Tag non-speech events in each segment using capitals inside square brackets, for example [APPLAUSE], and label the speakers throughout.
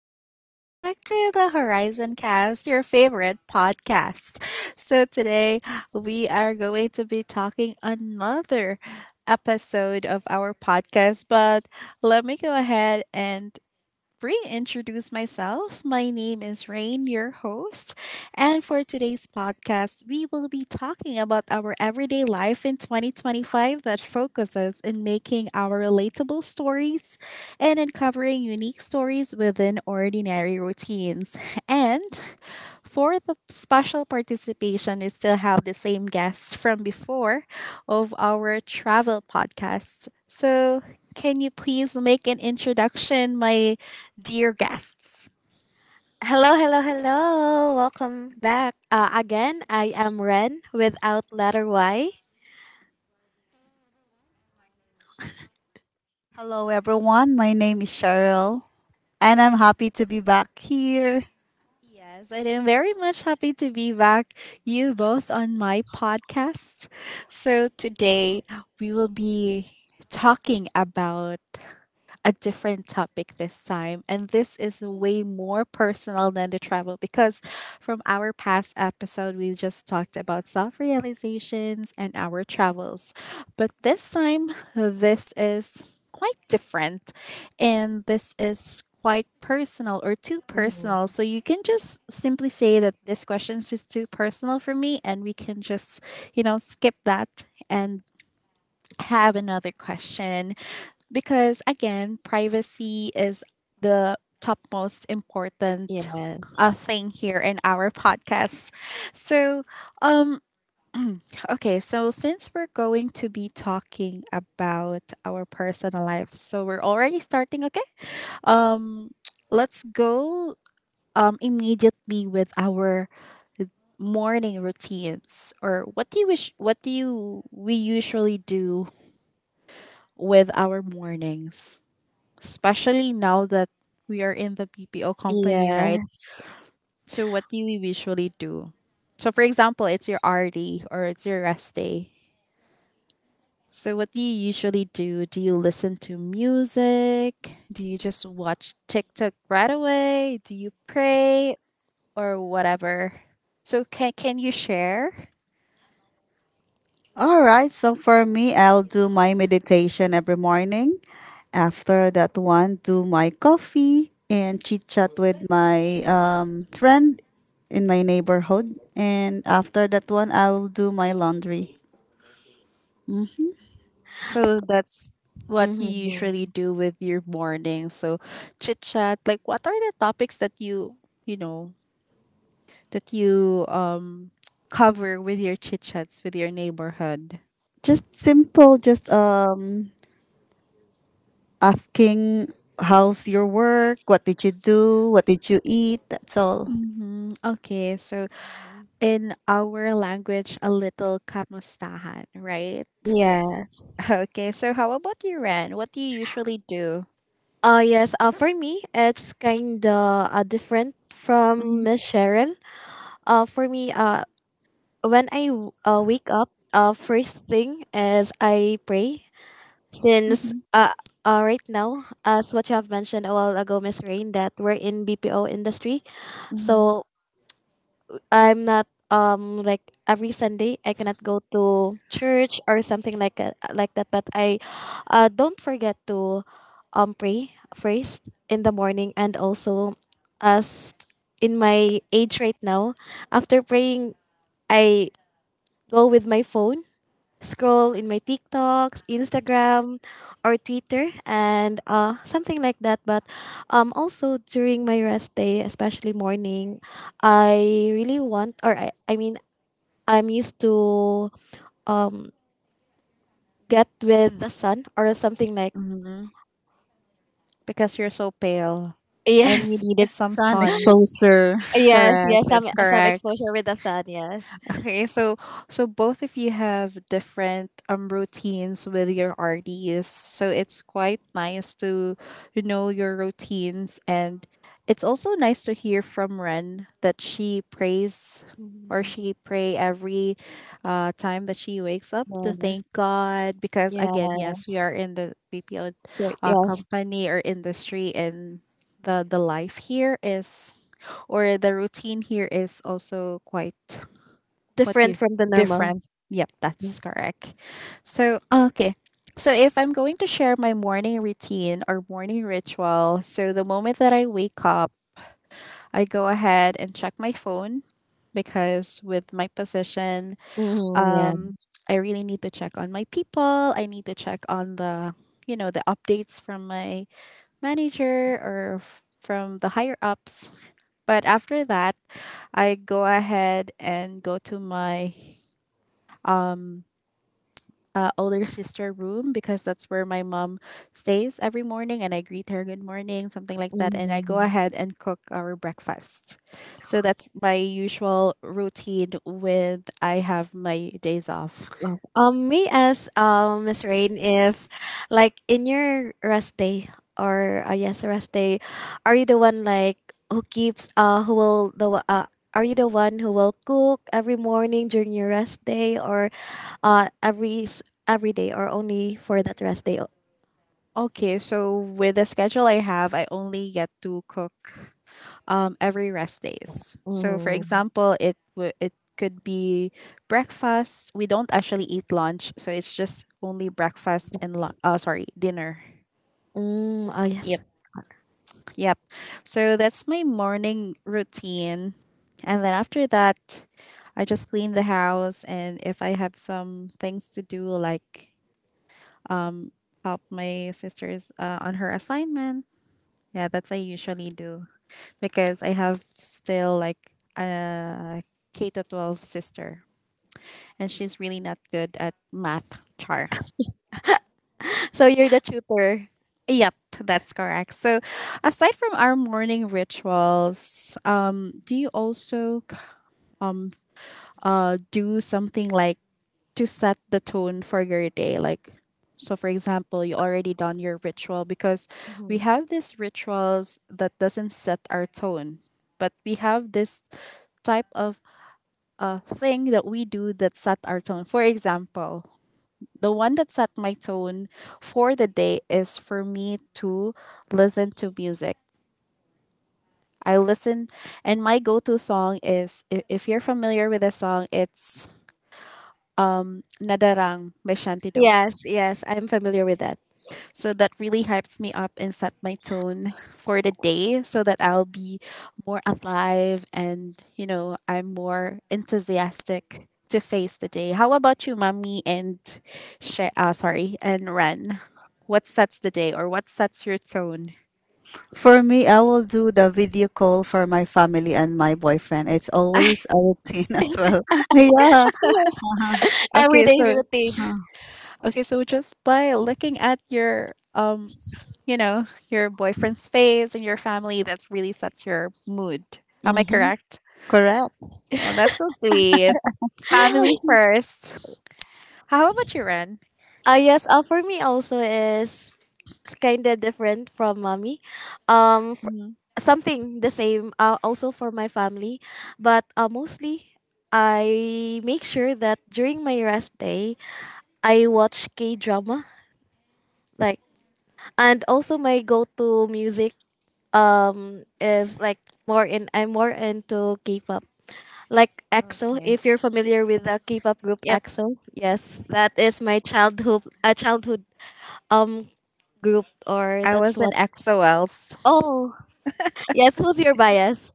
Speaker 1: And welcome back to the Horizon Cast, your favorite podcast. So, today we are going to be talking another episode of our podcast, but let me go ahead and reintroduce myself. My name is Rain, your host. And for today's podcast, we will be talking about our everyday life in 2025 that focuses in making our relatable stories and uncovering unique stories within ordinary routines. And for the special participation, we still have the same guest from before of our travel podcast. So, can you please make an introduction, my dear guests.
Speaker 2: Hello, hello, hello. Welcome back. Again, I am Ren without letter Y.
Speaker 3: Hello, everyone. My name is Cheryl, and I'm happy to be back here.
Speaker 1: Yes, and I'm very much happy to be back, you both, on my podcast. So, today we will be talking about a different topic this time. And this is way more personal than the travel because from our past episode, we just talked about self realizations and our travels. But this time, this is quite different. And this is quite personal or too personal.
Speaker 2: Mhm.
Speaker 1: So you can just simply say that this question is just too personal for me and we can just, you know, skip that and have another question because again, privacy is the topmost important
Speaker 2: Yes.
Speaker 1: thing here in our podcast. So, um, okay, so since we're going to be talking about our personal life, so we're already starting, okay? Um, let's go immediately with our morning routines or what do you wish what do you we usually do with our mornings, especially now that we are in the PPO company, right?
Speaker 2: Yes.
Speaker 1: So, what do you usually do? So, for example, it's your RD or it's your rest day. So, what do you usually do? Do you listen to music? Do you just watch TikTok right away? Do you pray or whatever? So, can you share?
Speaker 3: All right, so for me, I'll do my meditation every morning. After that one, do my coffee and chit chat with my friend in my neighborhood. And after that one, I will do my laundry. Mm.
Speaker 1: So that's what you usually
Speaker 2: Mm-hmm.
Speaker 1: do with your morning. So chit chat, like what are the topics that you know that you cover with your chit chats with your neighborhood?
Speaker 3: Just simple, just asking how's your work, what did you do, what did you eat, that's all.
Speaker 1: Mm-hmm. Okay, so in our language, a little kamustahan, right?
Speaker 3: Yes.
Speaker 2: Yes.
Speaker 1: [LAUGHS] Okay, so how about you, Ren? What do you usually do?
Speaker 2: Yes. For me, it's kind of different from
Speaker 1: Mm-hmm.
Speaker 2: Miss Cheryl. For me, when I wake up, first thing is I pray since
Speaker 1: Mm-hmm.
Speaker 2: right now, as what you have mentioned a while ago, Miss Rain, that we're in BPO industry,
Speaker 1: Mm-hmm.
Speaker 2: so I'm not, like, every Sunday I cannot go to church or something like that, but I don't forget to pray first in the morning. And also, as in my age right now, after praying, I go with my phone, scroll in my TikToks, Instagram, or Twitter, and something like that. But also during my rest day, especially morning, I really want, or I mean, I'm used to um get with the sun or something like...
Speaker 1: Mm-hmm. Because you're so pale
Speaker 2: [LAUGHS]
Speaker 1: and you
Speaker 2: yes,
Speaker 1: needed some
Speaker 3: Sun
Speaker 1: sun.
Speaker 3: exposure.
Speaker 2: yes,
Speaker 1: Correct,
Speaker 2: yes, some
Speaker 1: that's
Speaker 2: some exposure
Speaker 1: correct.
Speaker 2: with the sun, yes,
Speaker 1: Okay, so so both of you have different routines with your RDs. So it's quite nice to you know your routines and it's also nice to hear from Ren that she prays or
Speaker 2: Mhm.
Speaker 1: she pray every time that she wakes up to
Speaker 2: Yes,
Speaker 1: thank God because again, yes, we
Speaker 2: yes.
Speaker 1: are in the BPO
Speaker 2: So, yes,
Speaker 1: company or industry and the life here is or the routine here is also quite what do
Speaker 2: different
Speaker 1: you
Speaker 2: from the normal.
Speaker 1: different? Yep, that's
Speaker 2: Yes.
Speaker 1: correct. So, okay. So, if I'm going to share my morning routine or morning ritual, so the moment that I wake up, I go ahead and check my phone because with my position,
Speaker 2: Mm-hmm, yeah.
Speaker 1: um, I really need to check on my people. I need to check on the, you know, the updates from my manager or from the higher ups. But after that, I go ahead and go to my um older sister room because that's where my mom stays every morning and I greet her good morning, something like that. And I go
Speaker 2: Mm-hmm.
Speaker 1: ahead and cook our breakfast. So that's my usual routine with I have my days off.
Speaker 2: Love. Me as Miss Rain, if like in your rest day or yes, rest day, are you the one like who keeps, who will are you the one who will cook every morning during your rest day or every every day, or only for that rest day?
Speaker 1: Okay, so with the schedule I have, I only get to cook every rest days. So for
Speaker 2: Mm.
Speaker 1: example, it could be breakfast. We don't actually eat lunch, so it's just only breakfast and sorry, dinner.
Speaker 2: Mm, oh
Speaker 1: Yep.
Speaker 2: yes.
Speaker 1: Yep. So that's my morning routine. And then after that, I just clean the house. And if I have some things to do, like um, help my sisters on her assignment, yeah, that's I usually do because I have still like a K to 12 sister. And she's really not good at math, Char.
Speaker 2: [LAUGHS] So you're the tutor.
Speaker 1: Yep, that's correct. So, aside from our morning rituals, do you also do something like to set the tone for your day. Like, so for example, you already done your ritual because we
Speaker 2: Mhm.
Speaker 1: have these rituals that doesn't set our tone, but we have this type of thing that we do that set our tone. For example, the one that set my tone for the day is for me to listen to music. I listen, and my go to song is if you're familiar with the song, it's Nadarang by Shantido.
Speaker 2: Yes, yes, I'm familiar with that.
Speaker 1: So that really hypes me up and set my tone for the day so that I'll be more alive and, you know, I'm more enthusiastic to face the day. How about you, Mommy and sorry, and Ren? What sets the day or what sets your tone?
Speaker 3: For me, I will do the video call for my family and my boyfriend. It's always
Speaker 2: [LAUGHS]
Speaker 3: a routine [LAUGHS] as well. [LAUGHS] Yeah.
Speaker 2: Every
Speaker 1: Okay,
Speaker 2: day's
Speaker 1: so
Speaker 2: routine.
Speaker 3: Huh.
Speaker 1: okay, so just by looking at your you know, your boyfriend's face and your family that really sets your mood. Am I
Speaker 3: Mm-hmm.
Speaker 1: correct?
Speaker 3: Correct.
Speaker 1: Oh, that's so sweet. Family first. How about you, Ren?
Speaker 2: Yes, for me also is kind of different from mommy. F
Speaker 1: Hmm.
Speaker 2: Something the same, also for my family, but mostly I make sure that during my rest day I watch K drama, like, and also my go to music is like, more in I'm more into K-pop like EXO.
Speaker 1: Okay.
Speaker 2: If you're familiar with the K-pop group
Speaker 1: Yep.
Speaker 2: EXO, yes, that is my childhood um group, or
Speaker 1: I
Speaker 2: that's
Speaker 1: was in
Speaker 2: what...
Speaker 1: X O Ls.
Speaker 2: oh yes, who's your bias?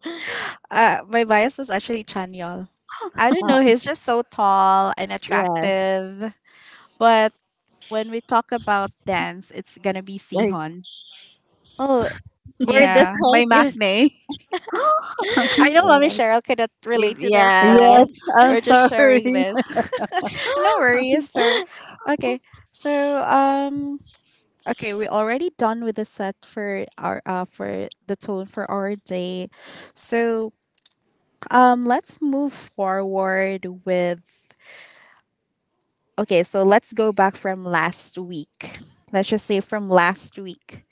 Speaker 1: My bias was actually Chanyeol. I don't
Speaker 2: uh
Speaker 1: know. He's just so tall and
Speaker 2: yes,
Speaker 1: attractive. But when we talk about dance, it's gonna be
Speaker 2: like...
Speaker 1: Sihon.
Speaker 2: oh, we're
Speaker 1: Yeah,
Speaker 2: different.
Speaker 1: my
Speaker 2: [LAUGHS] Yes.
Speaker 1: maknae.
Speaker 3: [GASPS]
Speaker 1: [LAUGHS] I know Mommy
Speaker 2: Yes.
Speaker 1: Cheryl cannot relate to this, but yeah,
Speaker 2: Yes.
Speaker 3: Yes, I'm
Speaker 1: we're just
Speaker 3: sorry.
Speaker 1: sharing this. [LAUGHS] No worries. So, okay.
Speaker 3: [LAUGHS]
Speaker 1: So, um, okay, we're already done with the set for our for the tone for our day. So let's move forward with okay, so let's go back from last week. Let's just say from last week.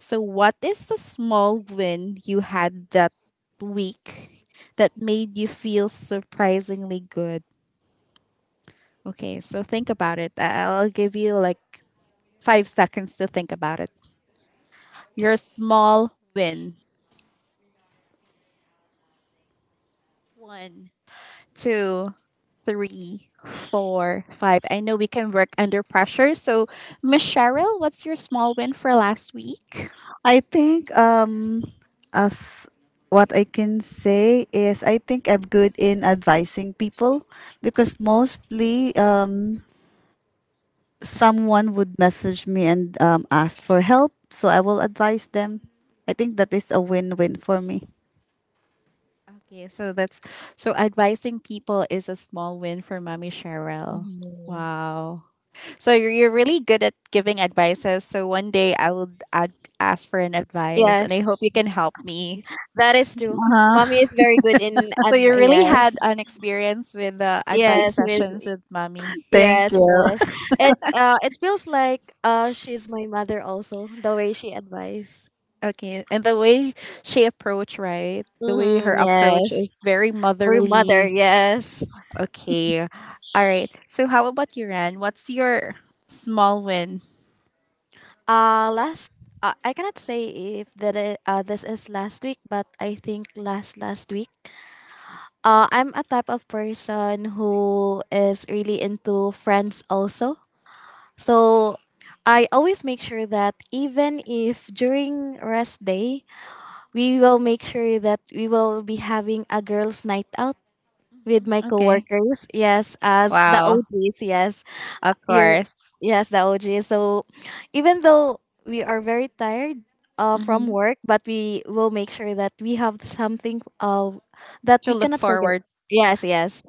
Speaker 1: So what is the small win you had that week that made you feel surprisingly good? Okay, so think about it. I'll give you like 5 seconds to think about it. Your small win. One, two, three, four, five. I know we can work under pressure. So, Miss Cheryl, what's your small win for last week?
Speaker 3: I think as what I can say is I think I'm good in advising people because mostly someone would message me and ask for help. So I will advise them. I think that is a win win for me.
Speaker 1: Okay, so that's so advising people is a small win for Mommy Cheryl.
Speaker 2: Mhm.
Speaker 1: Wow. So you're really good at giving advices. So one day I will ask for an advice, and I hope you
Speaker 2: Yes,
Speaker 1: can help me.
Speaker 2: that is true. Mommy
Speaker 3: Uh-huh. [LAUGHS]
Speaker 2: is very good
Speaker 1: S-
Speaker 2: in
Speaker 1: So you really had
Speaker 2: advice.
Speaker 1: an experience with advice
Speaker 2: Yes. Yes.
Speaker 1: sessions
Speaker 2: With...
Speaker 1: with Mommy.
Speaker 3: Thank
Speaker 2: yes.
Speaker 3: you.
Speaker 2: Yes, it feels like she's my mother also, the way she advises.
Speaker 1: Okay, and the way she approached, right? The way
Speaker 2: Mm,
Speaker 1: her approach
Speaker 2: yes,
Speaker 1: is very
Speaker 2: we're mother.
Speaker 1: motherly.
Speaker 2: Yes.
Speaker 1: Okay, all right. So how about you, Ran? What's your small win?
Speaker 2: Last, I cannot say if this is last week, but I think last last week. I'm a type of person who is really into friends also. So I always make sure that even if during rest day, we will make sure that we will be having a girls' night out with
Speaker 1: Hmm.
Speaker 2: my
Speaker 1: Okay.
Speaker 2: coworkers. Yes, as the
Speaker 1: Wow.
Speaker 2: OGs. Yes.
Speaker 1: Of
Speaker 2: You're,
Speaker 1: course.
Speaker 2: yes, the OG. So even though we are very tired from
Speaker 1: Mm-hmm.
Speaker 2: work, but we will make sure that we have something that
Speaker 1: To
Speaker 2: we
Speaker 1: look
Speaker 2: cannot forget.
Speaker 1: forward.
Speaker 2: Yes, yes.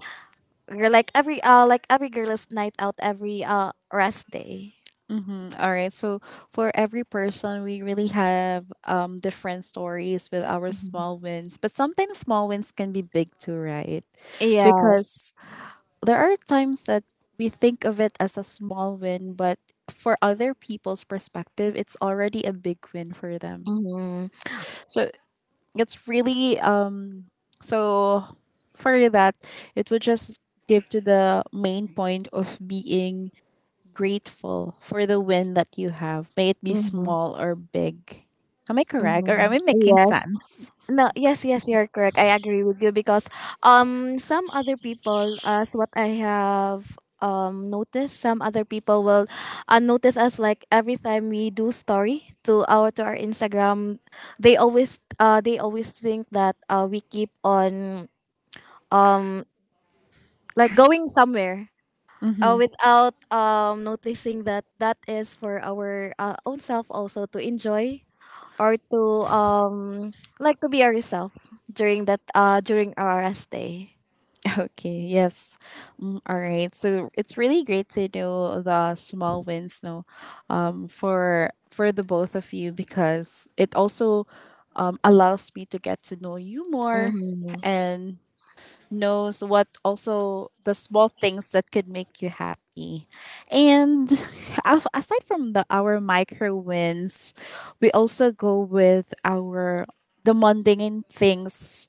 Speaker 2: We're like every girl's night out every rest day.
Speaker 1: Mm-hmm. All right. So for every person, we really have different stories with our
Speaker 2: Mhm.
Speaker 1: small wins, but sometimes small wins can be big too, right?
Speaker 2: Yes.
Speaker 1: Because there are times that we think of it as a small win, but for other people's perspective, it's already a big win for them.
Speaker 2: Mm-hmm.
Speaker 1: So it's really so for that, it would just give to the main point of being grateful for the win that you have, may it be
Speaker 2: Mm-hmm.
Speaker 1: small or big. Am I correct? Or am
Speaker 2: Mm-hmm.
Speaker 1: I making
Speaker 2: Yes.
Speaker 1: sense?
Speaker 2: No, yes, yes, you're correct. I agree with you because some other people, as what I have noticed, some other people will notice us, like every time we do story to our Instagram, they always think that we keep on, um like, going somewhere
Speaker 1: Mm-hmm.
Speaker 2: without noticing that that is for our own self also to enjoy, or to like to be yourself during that during our stay.
Speaker 1: Okay, yes. Mm, all right. So it's really great to know the small wins no for for the both of you because it also allows me to get to know you more
Speaker 2: Mm-hmm.
Speaker 1: and knows what also the small things that could make you happy. And [LAUGHS] aside from the our micro wins, we also go with our the mundane things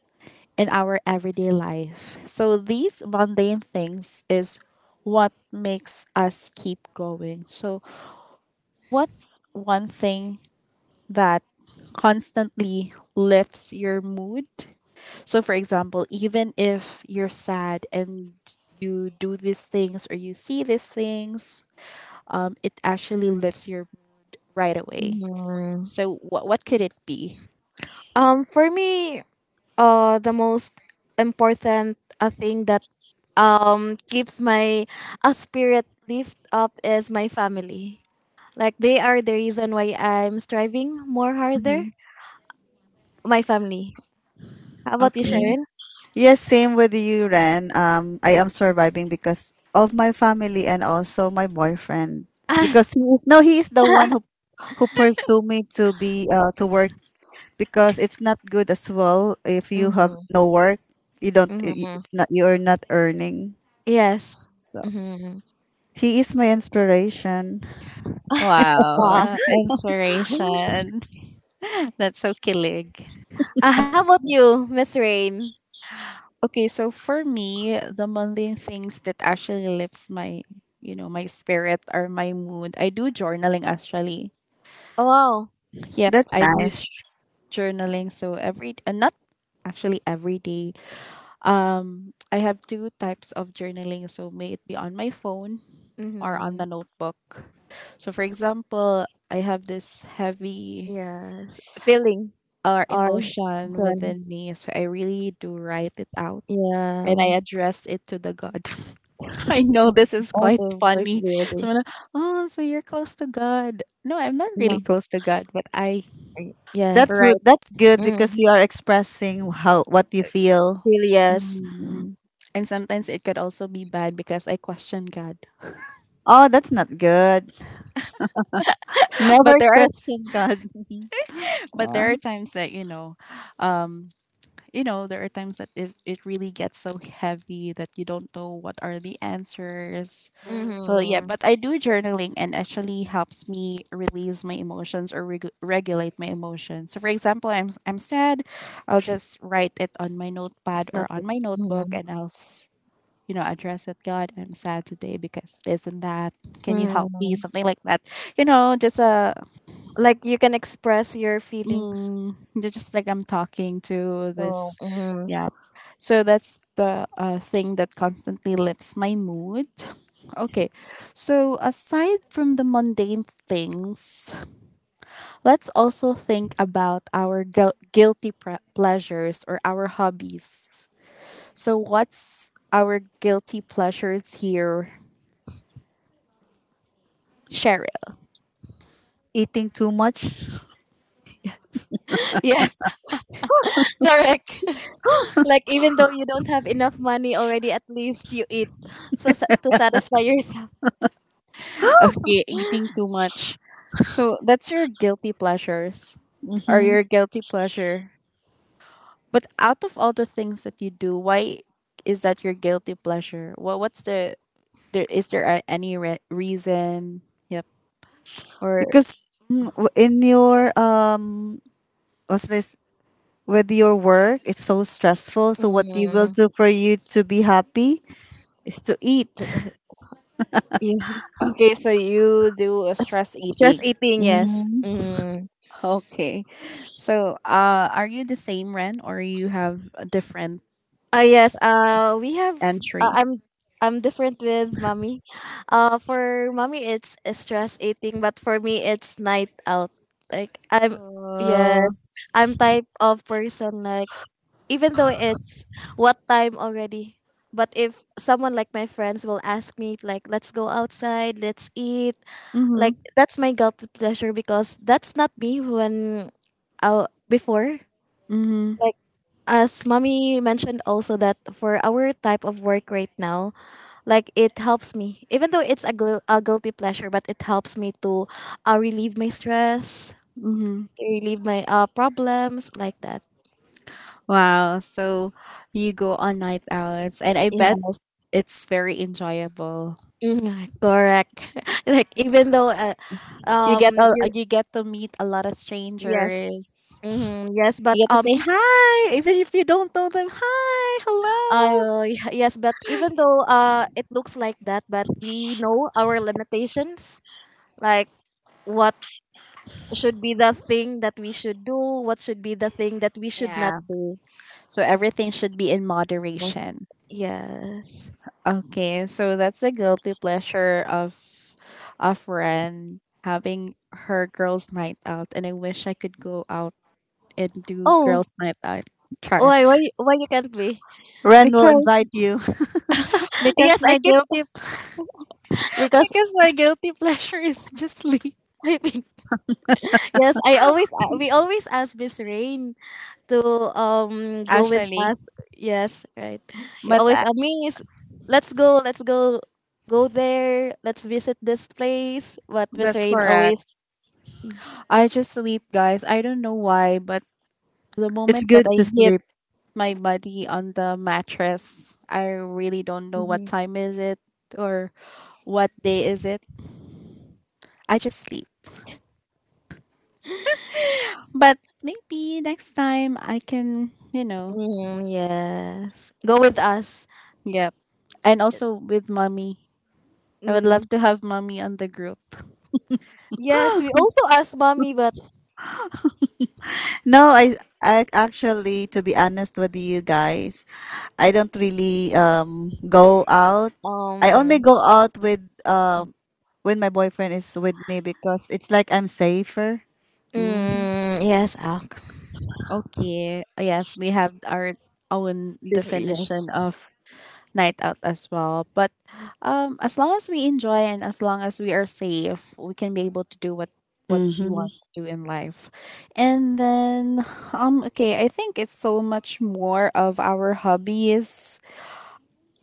Speaker 1: in our everyday life. So these mundane things is what makes us keep going. So what's one thing that constantly lifts your mood? So for example, even if you're sad and you do these things or you see these things, it actually lifts your mood right away.
Speaker 2: Mm-hmm.
Speaker 1: So what could it be?
Speaker 2: For me, the most important thing that keeps my spirit lift up is my family. Like they are the reason why I'm striving more harder.
Speaker 1: Hmm.
Speaker 2: My family. How about you,
Speaker 3: Mm.
Speaker 1: Okay.
Speaker 2: Sharon?
Speaker 3: Yes, same with you, Ren. I am surviving because of my family and also my boyfriend. Because he is no, he is the one who pursue me to be to work because it's not good as well if you have
Speaker 2: Mm-hmm.
Speaker 3: no work. You don't.
Speaker 2: Mm-hmm.
Speaker 3: It's not. You are not earning.
Speaker 2: Yes.
Speaker 3: So
Speaker 2: Mm-hmm.
Speaker 3: he is my inspiration.
Speaker 2: Wow.
Speaker 1: Wow,
Speaker 2: [LAUGHS]
Speaker 1: inspiration. That's so kilig.
Speaker 2: How about you, Miss Rain?
Speaker 1: Okay, so for me, the mundane things that actually lifts my, you know, my spirit or my mood. I do journaling actually.
Speaker 2: Oh wow.
Speaker 1: Yep,
Speaker 3: That's
Speaker 1: I do
Speaker 3: nice.
Speaker 1: journaling. So every not actually every day. I have two types of journaling. So may it be on my phone or on
Speaker 2: Mm-hmm.
Speaker 1: the notebook. So for example, I have this heavy
Speaker 2: Yes. Feeling
Speaker 1: or
Speaker 2: or
Speaker 1: emotion
Speaker 2: son.
Speaker 1: within me, so I really do write it out and
Speaker 2: Yeah.
Speaker 1: I address it to the God. [LAUGHS] I know this is quite
Speaker 2: Also very
Speaker 1: funny.
Speaker 2: weird.
Speaker 1: So I'm like, oh, so you're close to God. No, I'm not really
Speaker 2: No.
Speaker 1: close to God, but I
Speaker 3: That's
Speaker 2: Yes.
Speaker 1: write.
Speaker 3: good. That's good because
Speaker 2: Mm.
Speaker 3: you are expressing how what you feel.
Speaker 2: Feel yes.
Speaker 1: Mm.
Speaker 3: Mm.
Speaker 1: And sometimes it could also be bad because I question God.
Speaker 3: Oh, that's not good.
Speaker 1: [LAUGHS] But
Speaker 3: Never
Speaker 1: there are
Speaker 3: question God. [LAUGHS]
Speaker 1: but
Speaker 3: Yeah.
Speaker 1: there are times that, um there are times that it really gets so heavy that you don't know what are the answers. So yeah,
Speaker 2: Mm-hmm.
Speaker 1: but I do journaling and actually helps me release my emotions or regulate my emotions. So for example, I'm sad. I'll just write it on my notepad or
Speaker 2: Nothing.
Speaker 1: on my notebook,
Speaker 2: Mm-hmm.
Speaker 1: and address it, God, I'm sad today because of this and that. Can you help me?
Speaker 2: Mm-hmm.
Speaker 1: Something like that, just a...
Speaker 2: Like you can express your feelings.
Speaker 1: Mm, they're just like I'm talking to
Speaker 2: So
Speaker 1: this.
Speaker 2: mm-hmm.
Speaker 1: Yeah. So that's the thing that constantly lifts my mood. Okay. So aside from the mundane things, let's also think about our guilty pleasures or our hobbies. So what's our guilty pleasures here? Cheryl?
Speaker 3: Eating too much.
Speaker 2: [LAUGHS] Yes. [LAUGHS] Correct. [LAUGHS] Like even though you don't have enough money already, at least you eat to satisfy yourself.
Speaker 1: Okay,
Speaker 2: [LAUGHS]
Speaker 1: eating too much. So that's your guilty pleasures or
Speaker 3: Mm-hmm.
Speaker 1: your guilty pleasure. But out of all the things that you do, why is that your guilty pleasure? What what's the there is there a- Any reason? Yep. Or
Speaker 3: Because w- in your what's this? With your work, it's so stressful. So what you will
Speaker 2: Mm-hmm.
Speaker 3: do for you to be happy is to eat.
Speaker 2: Yeah.
Speaker 1: okay, so you do a stress
Speaker 2: Just
Speaker 1: eating. [LAUGHS]
Speaker 2: eating, yes.
Speaker 3: Mm-hmm.
Speaker 2: Mm.
Speaker 1: Okay. So, are you the same, Ren, or you have a different
Speaker 2: Yes, we have.
Speaker 1: entry?
Speaker 2: I'm different with mommy. For mommy, it's stress eating, but for me, it's night out. Like I'm,
Speaker 1: Uh
Speaker 2: yes, I'm type of person like even though it's what time already, but if someone like my friends will ask me like, let's go outside, let's eat, like
Speaker 1: mhm.
Speaker 2: that's my guilty pleasure because that's not me, when, out before.
Speaker 1: Mhm.
Speaker 2: Like as mommy mentioned also, that for our type of work right now, like it helps me, even though it's a guilty pleasure, but it helps me to relieve my stress,
Speaker 1: Mhm.
Speaker 2: to relieve my problems like that.
Speaker 1: Wow. So you go on night outs, and I bet
Speaker 2: Yes.
Speaker 1: it's very enjoyable.
Speaker 2: Mhm, correct. [LAUGHS] Like even though
Speaker 1: You get a, uh,
Speaker 2: you...
Speaker 1: you get to meet a lot of
Speaker 2: yes.
Speaker 1: strangers.
Speaker 2: Hmm. Yes, but
Speaker 1: You get to say hi, even if you don't know them. Hi, hello.
Speaker 2: yes, but even though it looks like that, but we know our limitations, like what should be the thing that we should do, what should be the thing that we should not
Speaker 1: Yeah.
Speaker 2: do.
Speaker 1: So everything should be in
Speaker 2: Yes.
Speaker 1: moderation.
Speaker 2: Yes.
Speaker 1: Okay, so that's the guilty pleasure of a friend having her girls' night out, and I wish I could go out and do
Speaker 2: Oh,
Speaker 1: girls' night out. Char.
Speaker 2: why you can't be?
Speaker 3: Ren will
Speaker 1: Because
Speaker 3: invite you.
Speaker 1: because
Speaker 2: Yes, I
Speaker 1: my
Speaker 2: keep
Speaker 1: guilty [LAUGHS]
Speaker 2: [LAUGHS] because
Speaker 1: because my guilty [LAUGHS] pleasure is just [LAUGHS] sleep.
Speaker 2: typing. Yes, I always we always ask Miss Rain to go with
Speaker 1: Actually,
Speaker 2: us. Yes, right. You
Speaker 1: but
Speaker 2: always
Speaker 1: I,
Speaker 2: Miss, let's go, go there. Let's visit this place. What Miss
Speaker 1: that's
Speaker 2: Rain
Speaker 1: correct.
Speaker 2: always.
Speaker 1: I just sleep, guys. I don't know why, but the
Speaker 3: [LAUGHS] It's
Speaker 1: moment that
Speaker 3: good
Speaker 1: I
Speaker 3: to
Speaker 1: hit
Speaker 3: sleep.
Speaker 1: my body on the mattress, I really don't know what
Speaker 2: Mhm.
Speaker 1: time is it or what day is it. I just sleep. But maybe next time I can, you know.
Speaker 2: Mm, yes, go with us.
Speaker 1: Yep. And also with mommy. I would love
Speaker 2: Mm.
Speaker 1: to have mommy on the group.
Speaker 2: Yes, we also asked mommy, but
Speaker 3: No, I actually, to be honest with you guys, I don't really go out. I only
Speaker 2: um,
Speaker 3: go out with when my boyfriend is with me because it's like I'm safer. Mm-hmm.
Speaker 1: Mhm.
Speaker 2: mm, yes, Alk.
Speaker 1: Okay. Yes, we have our own definition
Speaker 2: Yes.
Speaker 1: of night out as well. But as long as we enjoy and as long as we are safe, we can be able to do what we
Speaker 3: Hmm. [LAUGHS]
Speaker 1: want to do in life. And then, okay, I think it's so much more of our hobbies.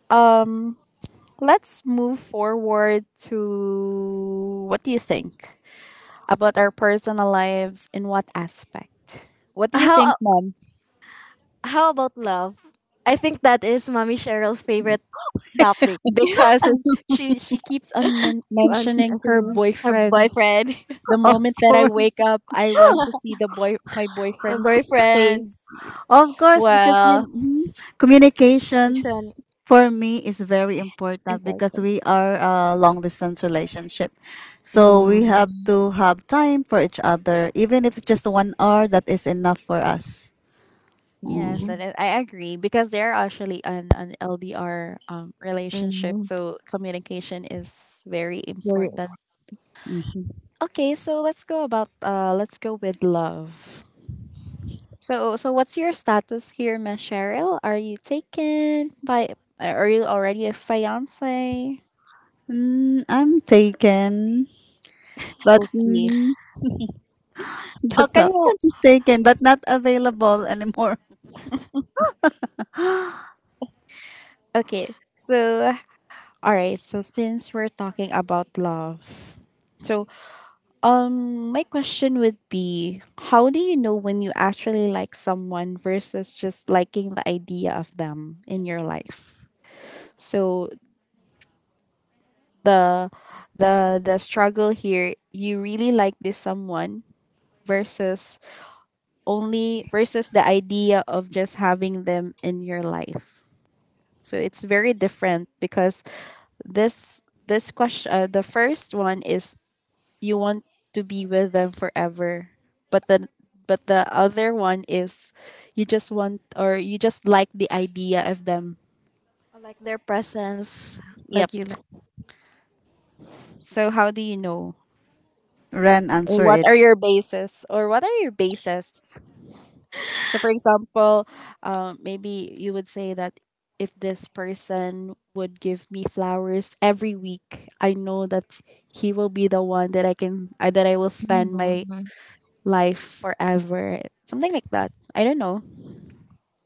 Speaker 1: Um let's move forward to: what do you think about our personal lives in what aspect? What do you think,
Speaker 2: How
Speaker 1: mom?
Speaker 2: how about love? I think that is mommy Cheryl's favorite topic.
Speaker 1: Because she keeps on
Speaker 2: And I
Speaker 1: mentioning her
Speaker 2: think her
Speaker 1: boyfriend.
Speaker 2: boyfriend,
Speaker 1: The
Speaker 3: Of
Speaker 1: moment that I wake
Speaker 3: course,
Speaker 1: up, I want to see the boy my
Speaker 2: [LAUGHS] her
Speaker 1: boyfriend's
Speaker 2: boyfriend,
Speaker 1: face.
Speaker 3: of course, because you
Speaker 1: Well,
Speaker 3: mhm.
Speaker 2: is
Speaker 3: Communication for me is very important because
Speaker 2: important.
Speaker 3: we are a long distance relationship, so we have
Speaker 2: Mm,
Speaker 3: to have time for each other, even if it's just 1 hour. That is enough for us.
Speaker 1: yes,
Speaker 3: Mm-hmm.
Speaker 2: mm,
Speaker 1: and I agree because they're actually an LDR relationship,
Speaker 2: mm,
Speaker 1: so communication is very
Speaker 2: very...
Speaker 1: important. Okay, so let's go with love. So what's your status here, Miss Cheryl? Are you already a fiance?
Speaker 3: Mm, I'm taken, but.
Speaker 1: Okay.
Speaker 3: Mm,
Speaker 2: oh,
Speaker 3: that's
Speaker 2: can
Speaker 3: all.
Speaker 2: you...
Speaker 3: [LAUGHS] Just taken, but not available anymore.
Speaker 1: Okay. So, all right, so since we're talking about love, so my question would be: how do you know when you actually like someone versus just liking the idea of them in your life? So the the struggle here, you really like this someone versus only versus the idea of just having them in your life. So it's very different because this question, the first one is, you want to be with them forever, but the other one is, you just want, or you just like the idea of them.
Speaker 2: like their presence?
Speaker 1: Yep.
Speaker 2: Like you like.
Speaker 1: So how do you know,
Speaker 3: [LAUGHS] Ren,
Speaker 1: or
Speaker 3: answer
Speaker 1: what
Speaker 3: it.
Speaker 1: are your bases, so for example, maybe you would say that if this person would give me flowers every week, I know that he will be the one that I can I that I will spend my
Speaker 2: Mm.
Speaker 1: life forever, something like that, I don't know.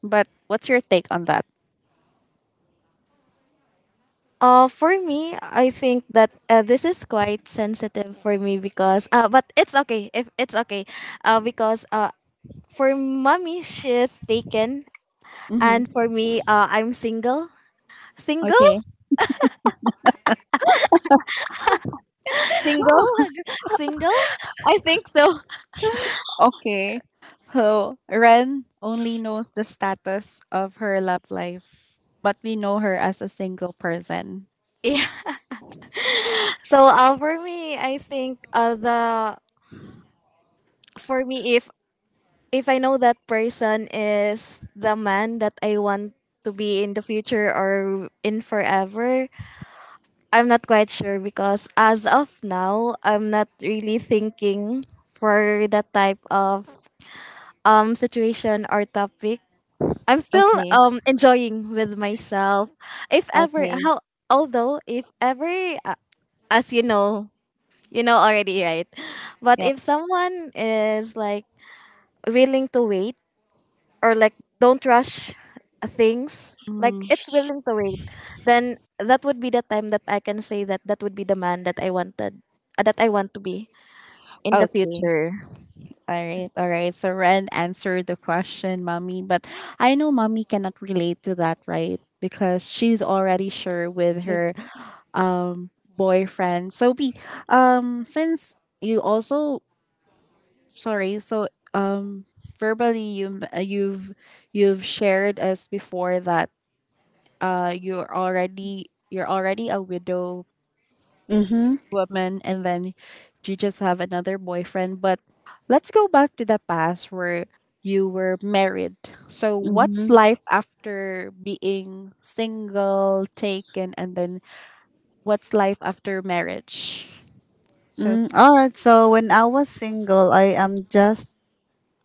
Speaker 1: But what's your take on that?
Speaker 2: For me, I think that this is quite sensitive for me, because but it's okay if it's okay, because for mommy she's taken, and
Speaker 1: Hmm.
Speaker 2: for me I'm single, single,
Speaker 1: Okay.
Speaker 2: [LAUGHS] single, [LAUGHS] single. I think so. [LAUGHS]
Speaker 1: Okay. So Ren only knows the status of her love life, but we know her as a single person.
Speaker 2: Yeah. So for me, I think the for me, if I know that person is the man that I want to be in the future or in forever, I'm not quite sure, because as of now, I'm not really thinking for that type of situation or topic. I'm still
Speaker 1: Okay.
Speaker 2: enjoying with myself.
Speaker 1: Okay.
Speaker 2: If ever, uh, as you know already, right? But
Speaker 1: Yep.
Speaker 2: if someone is like willing to wait, or like don't rush things, like
Speaker 1: Mm.
Speaker 2: it's willing to wait, then that would be the time that I can say that that would be the man that I want to be in the
Speaker 1: Okay.
Speaker 2: future. [GASPS]
Speaker 1: All right. All right. So Ren answered the question, mommy, but I know mommy cannot relate to that, right? Because she's already sure with
Speaker 2: So-
Speaker 1: her um boyfriend. So be since you also, sorry. So, um, verbally, you you've shared us before that, you're already a widow
Speaker 3: Mm-hmm.
Speaker 1: woman, and then you just have another boyfriend. But let's go back to the past where you were married. So what's
Speaker 3: Mm-hmm.
Speaker 1: life after being single, taken, and then what's life after marriage? So,
Speaker 3: Mm, all right. So when I was single, I am just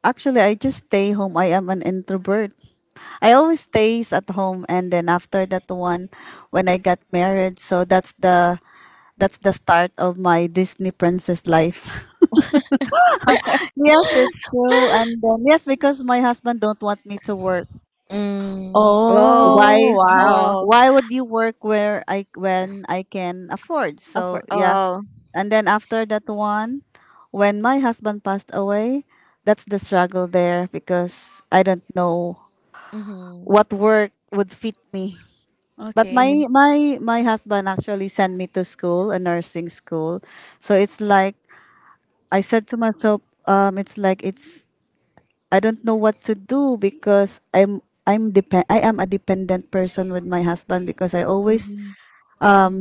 Speaker 3: actually I just stay home. I am an introvert. I always stays at home, and then after that one, when I got married, so that's the start of my Disney princess life. [LAUGHS] Yes, it's true. And then yes, because my husband don't want me to work.
Speaker 2: mm. Oh.
Speaker 1: oh
Speaker 3: Why?
Speaker 1: wow,
Speaker 2: Oh.
Speaker 3: Why would you work where I when I can afford?
Speaker 2: Oh,
Speaker 3: So
Speaker 2: for,
Speaker 3: yeah,
Speaker 2: oh.
Speaker 3: and then after that one, when my husband passed away, that's the struggle there because I don't know
Speaker 2: Mm-hmm.
Speaker 3: what work would fit me. But
Speaker 1: okay.
Speaker 3: my
Speaker 2: Yes.
Speaker 3: my my husband actually sent me to school, a nursing school. So it's like I said to myself, it's like it's I don't know what to do because I am a dependent person with my husband because I always
Speaker 1: Hmm.
Speaker 2: Mm-hmm.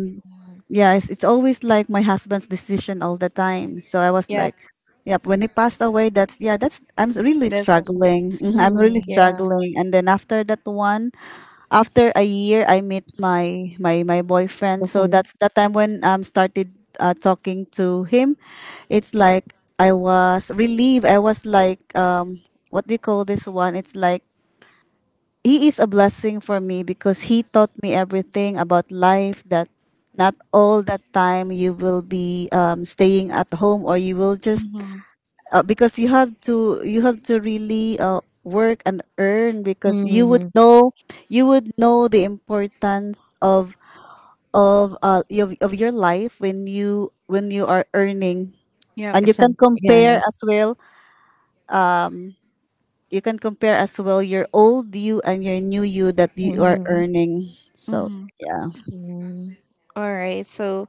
Speaker 3: yeah, it's always like my husband's decision all the time. So I was
Speaker 1: Yeah,
Speaker 3: like, yep, when he passed away, I'm really
Speaker 1: that's also.
Speaker 3: struggling. Mhm, I'm really
Speaker 2: Mm-hmm.
Speaker 1: Yeah.
Speaker 3: struggling. And then after that one, after a year, I met my
Speaker 2: The
Speaker 3: boyfriend. So
Speaker 2: fight.
Speaker 3: that's that time when started talking to him. It's like I was relieved. I was like, what do you call this one? It's like he is a blessing for me because he taught me everything about life that not all that time you will be staying at home or you will just
Speaker 1: Mm-hmm.
Speaker 3: because you have to really work and earn because you would
Speaker 2: Mm-hmm.
Speaker 3: know you would know the importance of of your life when you are earning
Speaker 1: Yep.
Speaker 3: and you can
Speaker 2: Some,
Speaker 3: compare as
Speaker 2: yes.
Speaker 3: well you can compare as well your old you and your new you that you are
Speaker 2: Mm-hmm.
Speaker 3: earning so
Speaker 1: Mm-hmm.
Speaker 3: yeah.
Speaker 2: Mm,
Speaker 1: All right. So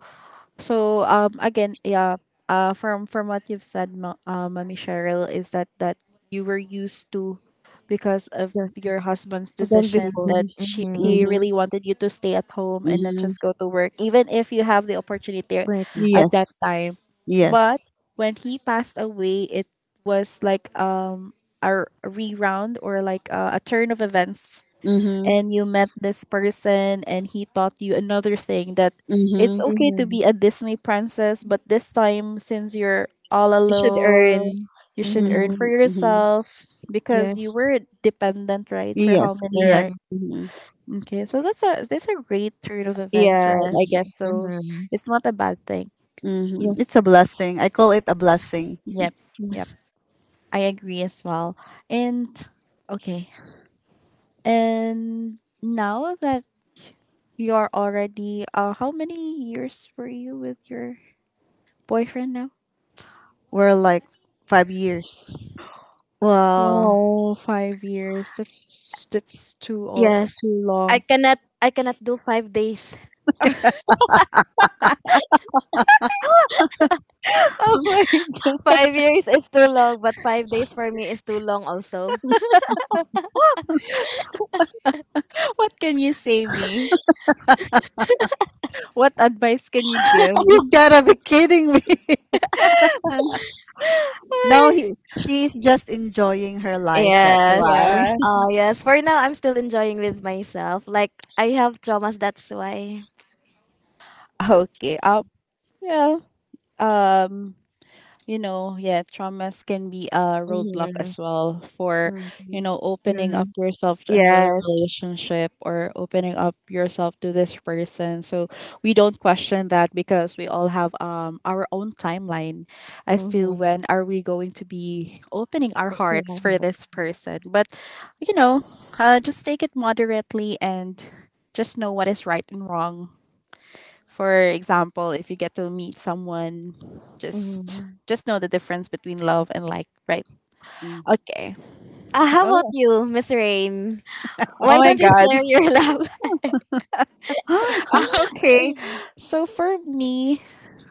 Speaker 1: so again, yeah, from what you've said, Mommy Cheryl, is that, that you were used to, because of
Speaker 2: yes,
Speaker 1: your husband's
Speaker 2: don't be
Speaker 1: decision,
Speaker 2: fooled.
Speaker 1: that
Speaker 3: Mhm,
Speaker 1: she
Speaker 2: Mm-hmm.
Speaker 1: he
Speaker 3: mhm,
Speaker 1: really wanted you to stay at home and not
Speaker 3: mhm.
Speaker 1: just go to work, even if you have the opportunity
Speaker 2: Pretty.
Speaker 1: at that
Speaker 3: Yes,
Speaker 1: time. But
Speaker 3: yes.
Speaker 1: when he passed away, it was like a reround, or like a turn of events,
Speaker 3: Mm-hmm,
Speaker 1: and you met this person, and he taught you another thing: that it's
Speaker 3: mm-hmm,
Speaker 1: okay to
Speaker 2: Mm-hmm.
Speaker 1: be a Disney princess, but this time, since you're all
Speaker 2: You should
Speaker 1: alone,
Speaker 2: earn.
Speaker 1: you should earn
Speaker 2: Mm-hmm.
Speaker 1: for
Speaker 3: mm-hmm, mm-hmm.
Speaker 1: yourself because you
Speaker 2: Yes.
Speaker 1: were dependent, right, for how
Speaker 3: Yes,
Speaker 1: many years.
Speaker 3: correct.
Speaker 2: Hmm.
Speaker 3: Mm-hmm,
Speaker 1: Okay, so that's a great turn of events, right? I
Speaker 2: Yes.
Speaker 1: guess so.
Speaker 2: Hmm.
Speaker 1: It's not a bad thing.
Speaker 3: mm-hmm.
Speaker 2: Yes.
Speaker 3: It's a blessing. I call it a blessing.
Speaker 1: Yep, yep.
Speaker 2: Yes.
Speaker 1: I agree as well. And okay. And now that you're already, how many years were you with your boyfriend now?
Speaker 3: We're like 5 years. [LAUGHS]
Speaker 2: Well,
Speaker 1: Wow, 5 years. That's too uh,
Speaker 2: yes.
Speaker 1: too
Speaker 2: I
Speaker 1: long.
Speaker 2: cannot I cannot do 5 days.
Speaker 1: [LAUGHS] Oh my
Speaker 2: [LAUGHS]
Speaker 1: god!
Speaker 2: 5 years is too long, but 5 days for me is too long also.
Speaker 1: What can you say me? What advice can you give?
Speaker 3: You
Speaker 1: [LAUGHS]
Speaker 3: gotta be kidding me. [LAUGHS] No,
Speaker 1: Ay,
Speaker 3: he, she's just enjoying her life. That's
Speaker 2: Yes.
Speaker 3: why.
Speaker 1: yes.
Speaker 2: Yes, for now I'm still enjoying with myself. Like I have traumas, that's why.
Speaker 1: Okay. Well. Um. Yeah, traumas can be a roadblock
Speaker 2: Hmm.
Speaker 1: as well for, you
Speaker 3: Mm-hmm,
Speaker 1: know, opening
Speaker 2: Hmm.
Speaker 1: up yourself to another
Speaker 2: Yes.
Speaker 1: relationship or opening up yourself to this person. So we don't question that because we all have our own timeline as to
Speaker 2: Mm-hmm.
Speaker 1: when are we going to be opening our hearts for this person. But you know, just take it moderately and just know what is right and wrong. For example, if you get to meet someone, just
Speaker 2: Mm-hmm.
Speaker 1: just know the difference between love and like, right?
Speaker 3: mm-hmm.
Speaker 1: Okay.
Speaker 2: How about
Speaker 1: Oh,
Speaker 2: you, Miss Rain?
Speaker 1: oh
Speaker 2: Why
Speaker 1: my
Speaker 2: don't you
Speaker 1: god.
Speaker 2: share your [LAUGHS]
Speaker 3: [GASPS]
Speaker 1: [LAUGHS] Okay.
Speaker 2: love?
Speaker 1: So for me,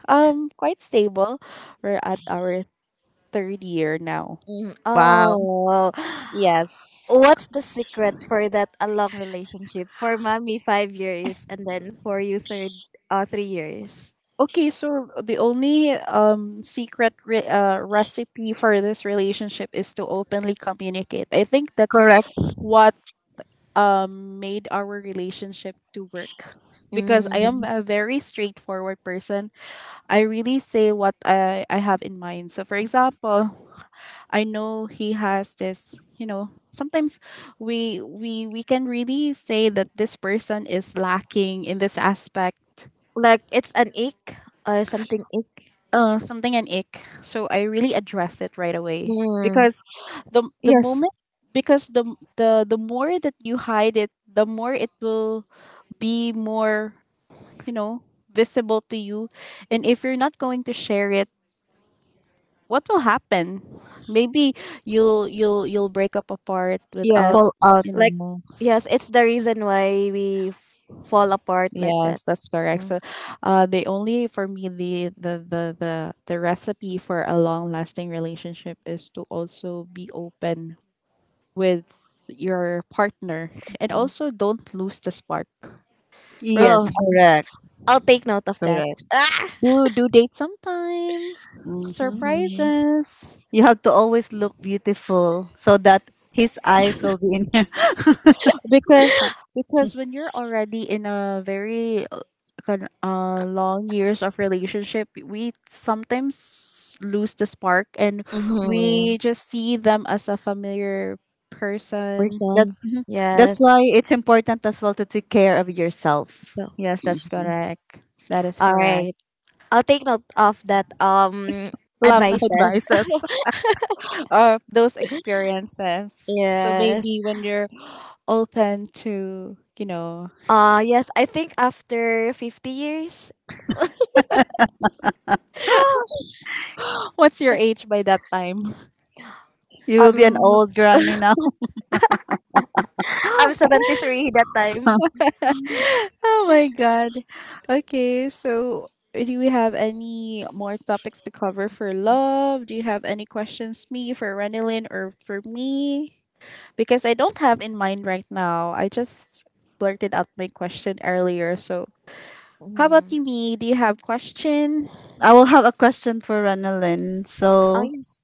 Speaker 1: quite stable. We're at our third year now.
Speaker 2: Mm.
Speaker 3: Wow,
Speaker 2: Oh. [GASPS]
Speaker 1: Yes.
Speaker 2: What's the secret for that a long relationship? For mommy, 5 years, and then for you, third, 3 years.
Speaker 1: Okay, so the only secret recipe for this relationship is to openly communicate. I think that's
Speaker 3: correct.
Speaker 1: what made our relationship to work, because I
Speaker 2: Mm,
Speaker 1: am a very straightforward person. I really say what I have in mind. So for example, I know he has this, sometimes we can really say that this person is lacking in this aspect.
Speaker 2: like it's an ick, something ick.
Speaker 1: Something an ick. So I really address it right away.
Speaker 2: Mm,
Speaker 1: The the
Speaker 2: yes,
Speaker 1: moment because the more that you hide it, the more it will be more, you know, visible to you? And if you're not going to share it, what will happen? Maybe you'll break up apart without,
Speaker 3: Pull
Speaker 2: yes.
Speaker 3: out.
Speaker 1: you
Speaker 2: Like
Speaker 1: know.
Speaker 2: yes, it's the reason why we fall apart like that.
Speaker 1: Yes, that's correct.
Speaker 2: Mm,
Speaker 1: So the only, for me, the recipe for a long lasting relationship is to also be open with your partner, and
Speaker 2: mm.
Speaker 1: also don't lose the spark, right?
Speaker 3: Yes,
Speaker 2: Oh, okay.
Speaker 3: correct,
Speaker 2: I'll take note of that.
Speaker 3: correct.
Speaker 2: Ah.
Speaker 1: Do date, sometimes
Speaker 3: Mm-hmm.
Speaker 2: Mm-hmm.
Speaker 1: surprises,
Speaker 3: You have to always look beautiful so that his eyes will be in [LAUGHS] you.
Speaker 1: because because when you're already in a very, kind, long years of relationship, we sometimes lose the spark, and we just see them as a familiar person.
Speaker 2: Person.
Speaker 3: That's mhm. That's
Speaker 2: Yes.
Speaker 3: why it's important as well to take care of yourself.
Speaker 2: So,
Speaker 1: Yes, that's correct. That is
Speaker 2: all
Speaker 1: correct.
Speaker 2: right. I'll take note of that
Speaker 1: Love [LAUGHS]
Speaker 2: advices. [LAUGHS]
Speaker 1: advices. [LAUGHS] Those experiences, so
Speaker 2: Yes.
Speaker 1: maybe when you're open to, you know.
Speaker 2: Yes, I think after 50 years,
Speaker 1: What's your age by that time?
Speaker 3: You will be an
Speaker 2: um
Speaker 3: old granny now. [GASPS]
Speaker 2: I'm 73 [LAUGHS] that time.
Speaker 1: [LAUGHS] Oh my god. Okay, so do we have any more topics to cover for love? Do you have any questions, me, for Renilyn or for me? Because I don't have in mind right now. I just blurted out my question earlier. So how about
Speaker 2: Mhm.
Speaker 1: you, me? Do you have question?
Speaker 3: I will have a question for Ranalyn.
Speaker 2: Oh
Speaker 3: So
Speaker 2: yes.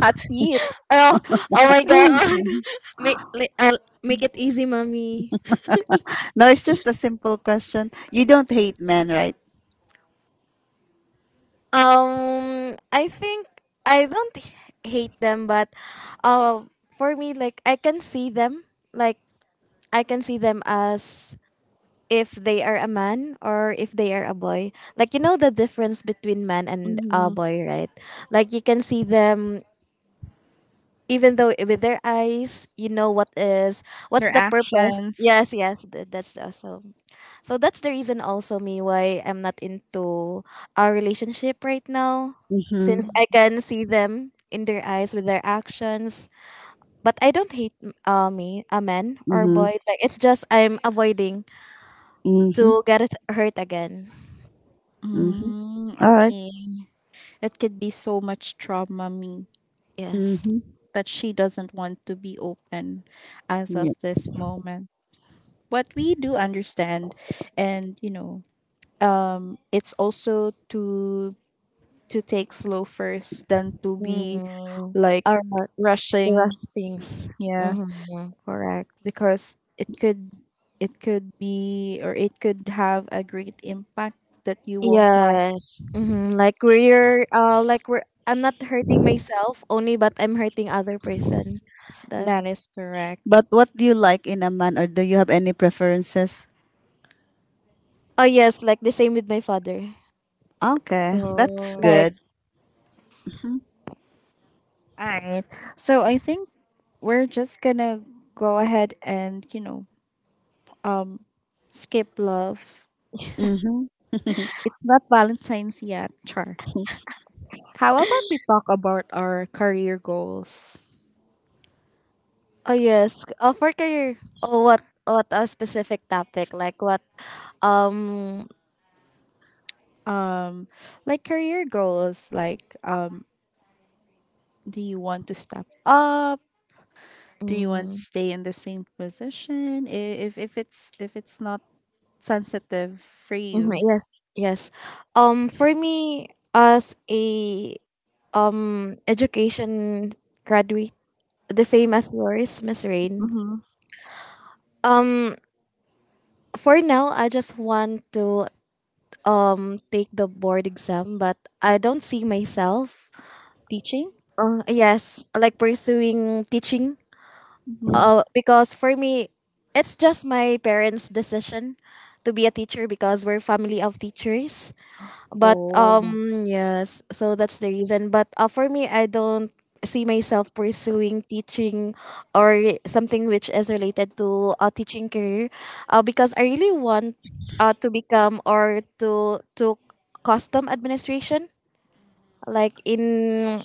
Speaker 1: That's it.
Speaker 2: Oh, oh my god. [LAUGHS]
Speaker 3: [GASPS]
Speaker 2: Make li- uh, Make it easy, mommy.
Speaker 3: no, it's just a simple question. You don't hate men, right?
Speaker 2: I think I don't h- hate them, but uh for me like I can see them, like I can see them as if they are a man, or if they are a boy. Like you know the difference between man and a
Speaker 1: Mm,
Speaker 2: boy, right? Like you can see them, even though with their eyes, you know
Speaker 1: their
Speaker 2: what's the purpose. Yes,
Speaker 1: actions.
Speaker 2: yes, that's also, so. So that's the reason also me why I'm not into a relationship right now,
Speaker 3: Mhm.
Speaker 2: since I can see them in their eyes with their actions. But I don't hate me, a man or
Speaker 3: Mhm.
Speaker 2: boy. Like it's just I'm avoiding to
Speaker 3: Mhm.
Speaker 2: get hurt again.
Speaker 3: Mhm.
Speaker 1: Mm,
Speaker 3: All right.
Speaker 1: okay. It could be so much trauma, me,
Speaker 2: Yes.
Speaker 3: Mhm.
Speaker 1: that she doesn't want to be open as of this
Speaker 3: Yes.
Speaker 1: moment. But we do understand, and it's also to, take slow first than to be
Speaker 2: Mm.
Speaker 1: like
Speaker 2: Or not the
Speaker 1: rushing.
Speaker 2: rest things.
Speaker 1: Yeah,
Speaker 2: Mm-hmm.
Speaker 1: correct. Because it could be or it could have a great impact that you won't like.
Speaker 2: Yes. Mm-hmm. Like we're I'm not hurting myself only, but I'm hurting other person. That...
Speaker 1: That is correct.
Speaker 3: But what do you like in a man, or do you have any preferences?
Speaker 2: oh yes, like the same with my father.
Speaker 1: Oh,
Speaker 3: Okay, that's
Speaker 1: all
Speaker 2: Like
Speaker 3: good.
Speaker 1: right. So I think we're just gonna go ahead and, um skip love.
Speaker 3: Mhm.
Speaker 1: It's not Valentine's yet, Char. How about we talk about our career goals?
Speaker 2: oh yes. Oh for career. Oh, what a specific topic. Like what um
Speaker 1: Um like career goals, like, do you want to step up? Do you want to
Speaker 2: mm,
Speaker 1: stay in the same position? If it's not sensitive for
Speaker 2: mhm,
Speaker 1: you.
Speaker 2: yes, yes. For me as a education graduate, the same as yours, Miss Rain.
Speaker 1: Mm-hmm.
Speaker 2: Um, for now, I just want to take the board exam, but I don't see myself.
Speaker 1: Teaching?
Speaker 2: Yes, like pursuing teaching.
Speaker 1: Mm-hmm.
Speaker 2: Because for me, it's just my parents' decision to be a teacher because we're family of teachers, but
Speaker 1: Oh,
Speaker 2: um yes, so that's the reason, but for me I don't see myself pursuing teaching or something which is related to a teaching career, because I really want, to become or to custom administration, like in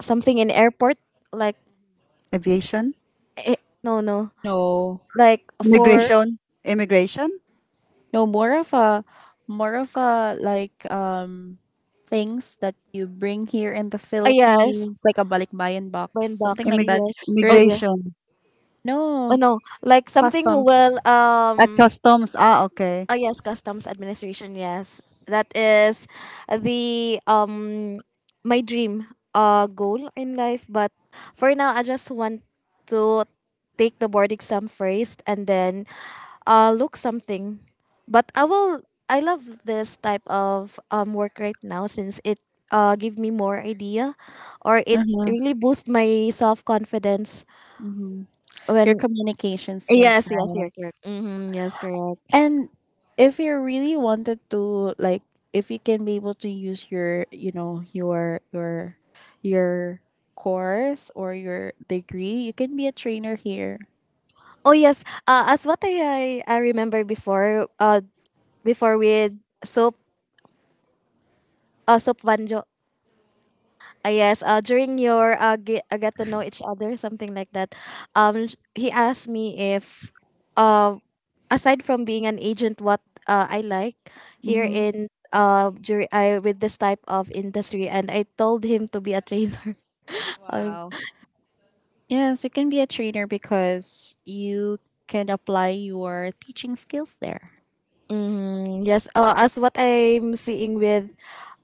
Speaker 2: something in airport, like
Speaker 3: Aviation.
Speaker 2: eh, no,
Speaker 1: no.
Speaker 2: like for,
Speaker 3: Immigration? Immigration?
Speaker 1: No, more of a like, things that you bring here in the
Speaker 2: yes,
Speaker 1: Philippines, like a balikbayan box,
Speaker 2: blind
Speaker 1: something
Speaker 2: box,
Speaker 1: like
Speaker 3: Immig
Speaker 1: that.
Speaker 2: yes, oh
Speaker 1: Your...
Speaker 2: yes.
Speaker 3: immigration.
Speaker 2: Oh
Speaker 1: no,
Speaker 2: no, like something who
Speaker 1: customs.
Speaker 2: will
Speaker 3: At
Speaker 2: um
Speaker 3: customs. Ah, okay.
Speaker 2: Oh yes, customs administration. Yes, that is the my dream goal in life. But for now, I just want to take the board exam first and then look something. But I will. I love this type of work right now, since it give me more idea, or it
Speaker 1: Mhm,
Speaker 2: really boost my self confidence
Speaker 1: mhm. Your
Speaker 2: when.
Speaker 1: communication skills,
Speaker 2: Yes, yes,
Speaker 1: right?
Speaker 2: you're correct. Mm-hmm, yes, correct.
Speaker 1: And if you really wanted to, like, if you can be able to use your course or your degree, you can be a trainer here.
Speaker 2: Oh yes, as what I remember before before with soap, soap vanjo. Yes, during your get to know each other, something like that. He asked me if uh aside from being an agent, what I like here
Speaker 1: Mm-hmm.
Speaker 2: in during I with this type of industry, and I told him to be a trainer. [LAUGHS] I,
Speaker 1: Wow. Yes, you can be a trainer because you can apply your teaching skills there.
Speaker 2: yes, as what I'm seeing with,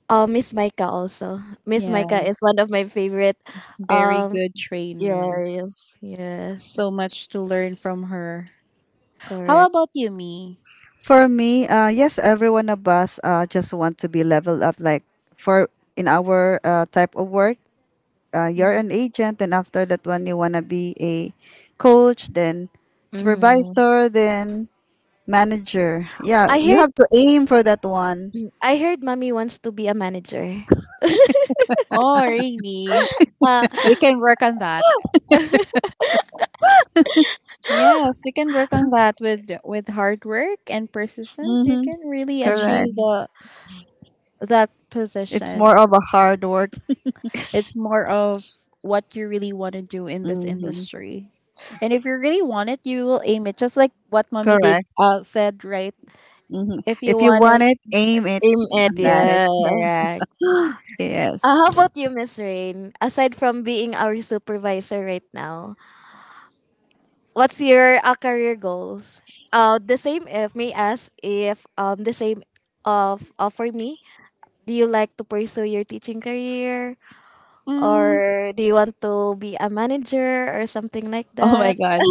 Speaker 2: Miss Micah also. Miss Micah is
Speaker 1: Yes,
Speaker 2: one of my favorite.
Speaker 1: very
Speaker 2: Um,
Speaker 1: good
Speaker 2: yeah,
Speaker 1: trainer.
Speaker 2: yes, yes,
Speaker 1: So much to learn from her. How
Speaker 2: correct.
Speaker 1: about you, me?
Speaker 3: For me, yes, every one of us just want to be leveled up. Like for in our type of work, you're
Speaker 1: Mhm.
Speaker 3: an agent, and after that one, you wanna be a coach, then
Speaker 2: Hmm.
Speaker 3: supervisor, then manager. Yeah,
Speaker 2: I
Speaker 3: you
Speaker 2: heard,
Speaker 3: have to aim for that one.
Speaker 2: I heard, mommy wants to be a manager.
Speaker 1: Oh, really?
Speaker 2: Uh,
Speaker 1: We can work on that. Yes, you can work on that with hard work and persistence. You
Speaker 3: Mm-hmm.
Speaker 1: can really
Speaker 3: Correct.
Speaker 1: achieve
Speaker 2: mm
Speaker 1: the that
Speaker 3: It's more
Speaker 1: position.
Speaker 3: of a hard work.
Speaker 1: It's more of what you really want to do in this
Speaker 3: Mm-hmm.
Speaker 1: industry. And if you really want it, you will aim it. Just like what mommy did
Speaker 3: Correct.
Speaker 1: said, right?
Speaker 3: Mm-hmm.
Speaker 1: If you
Speaker 3: If you
Speaker 1: want
Speaker 3: want
Speaker 1: it,
Speaker 3: it, aim it.
Speaker 2: Aim it,
Speaker 1: that is
Speaker 2: yes.
Speaker 1: correct.
Speaker 3: [GASPS] Yes.
Speaker 2: How about you, Miss Rain? Aside from being our supervisor right now, what's your career goals? The same. If may ask, if the same of for me, do you like to pursue your teaching career?
Speaker 1: Mm,
Speaker 2: Or do you want to be a manager or something like
Speaker 1: oh my
Speaker 2: that?
Speaker 1: god.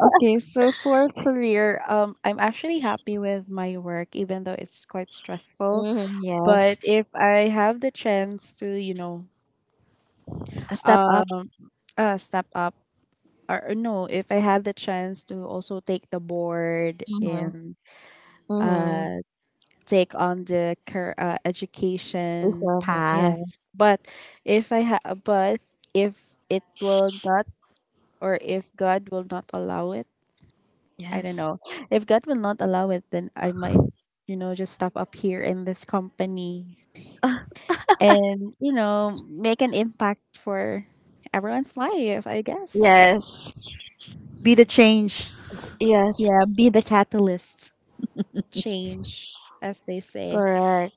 Speaker 1: Okay, so for career, I'm actually happy with my work, even though it's quite stressful.
Speaker 2: Mhm,
Speaker 1: But
Speaker 2: yes,
Speaker 1: if I have the chance to,
Speaker 2: a step up.
Speaker 1: um, step up, or no, if I had the chance to also take the board
Speaker 2: Mm-hmm.
Speaker 1: and
Speaker 2: Mm-hmm.
Speaker 1: uh take on the education path,
Speaker 2: Yes,
Speaker 1: but if it will not, or if God will not allow it, I don't
Speaker 2: yes,
Speaker 1: know. If God will not allow it, then I might just stop up here in this company, and make an impact for everyone's life, I guess.
Speaker 2: yes,
Speaker 3: Be the change.
Speaker 2: yes,
Speaker 1: Yeah, be the catalyst change, as they say.
Speaker 2: correct.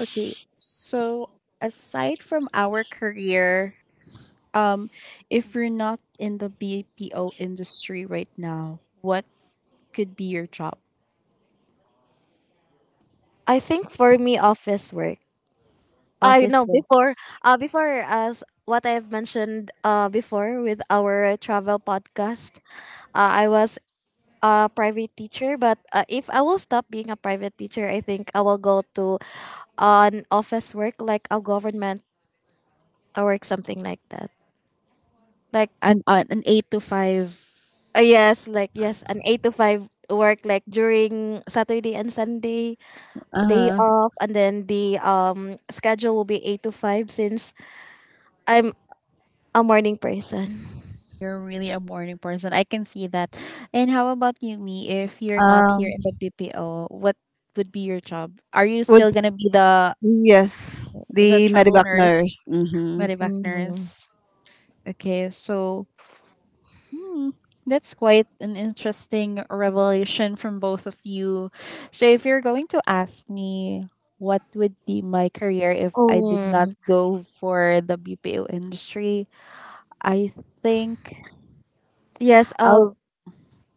Speaker 1: Okay, so aside from our career, um, if you're not in the BPO industry right now, what could be your job?
Speaker 2: I think for me, office work. I
Speaker 1: Office
Speaker 2: know
Speaker 1: based.
Speaker 2: before, before, as what I have mentioned, before with our travel podcast, I was a private teacher, but if I will stop being a private teacher, I think I will go to an office work, like a government work, something like that, like,
Speaker 1: An 8 to 5.
Speaker 2: yes, like yes, an 8 to 5 work, like during saturday and sunday day
Speaker 1: Uh huh.
Speaker 2: off, and then the schedule will be 8 to 5 since I'm a morning person.
Speaker 1: You're really a morning person. I can see that. And how about you, me? If you're not here
Speaker 3: Um,
Speaker 1: in the BPO, what would be your job? Are you
Speaker 3: would
Speaker 1: still gonna be the
Speaker 3: yes,
Speaker 1: the
Speaker 3: the
Speaker 1: travel
Speaker 3: medevac
Speaker 1: nurse,
Speaker 3: nurse. Mm-hmm.
Speaker 1: medevac
Speaker 2: Mm.
Speaker 1: nurse? Okay, so Hmm, that's quite an interesting revelation from both of you. So, if you're going to ask me what would be my career if I did
Speaker 2: Oh,
Speaker 1: not go for the BPO industry, I think
Speaker 2: yes.
Speaker 1: I'll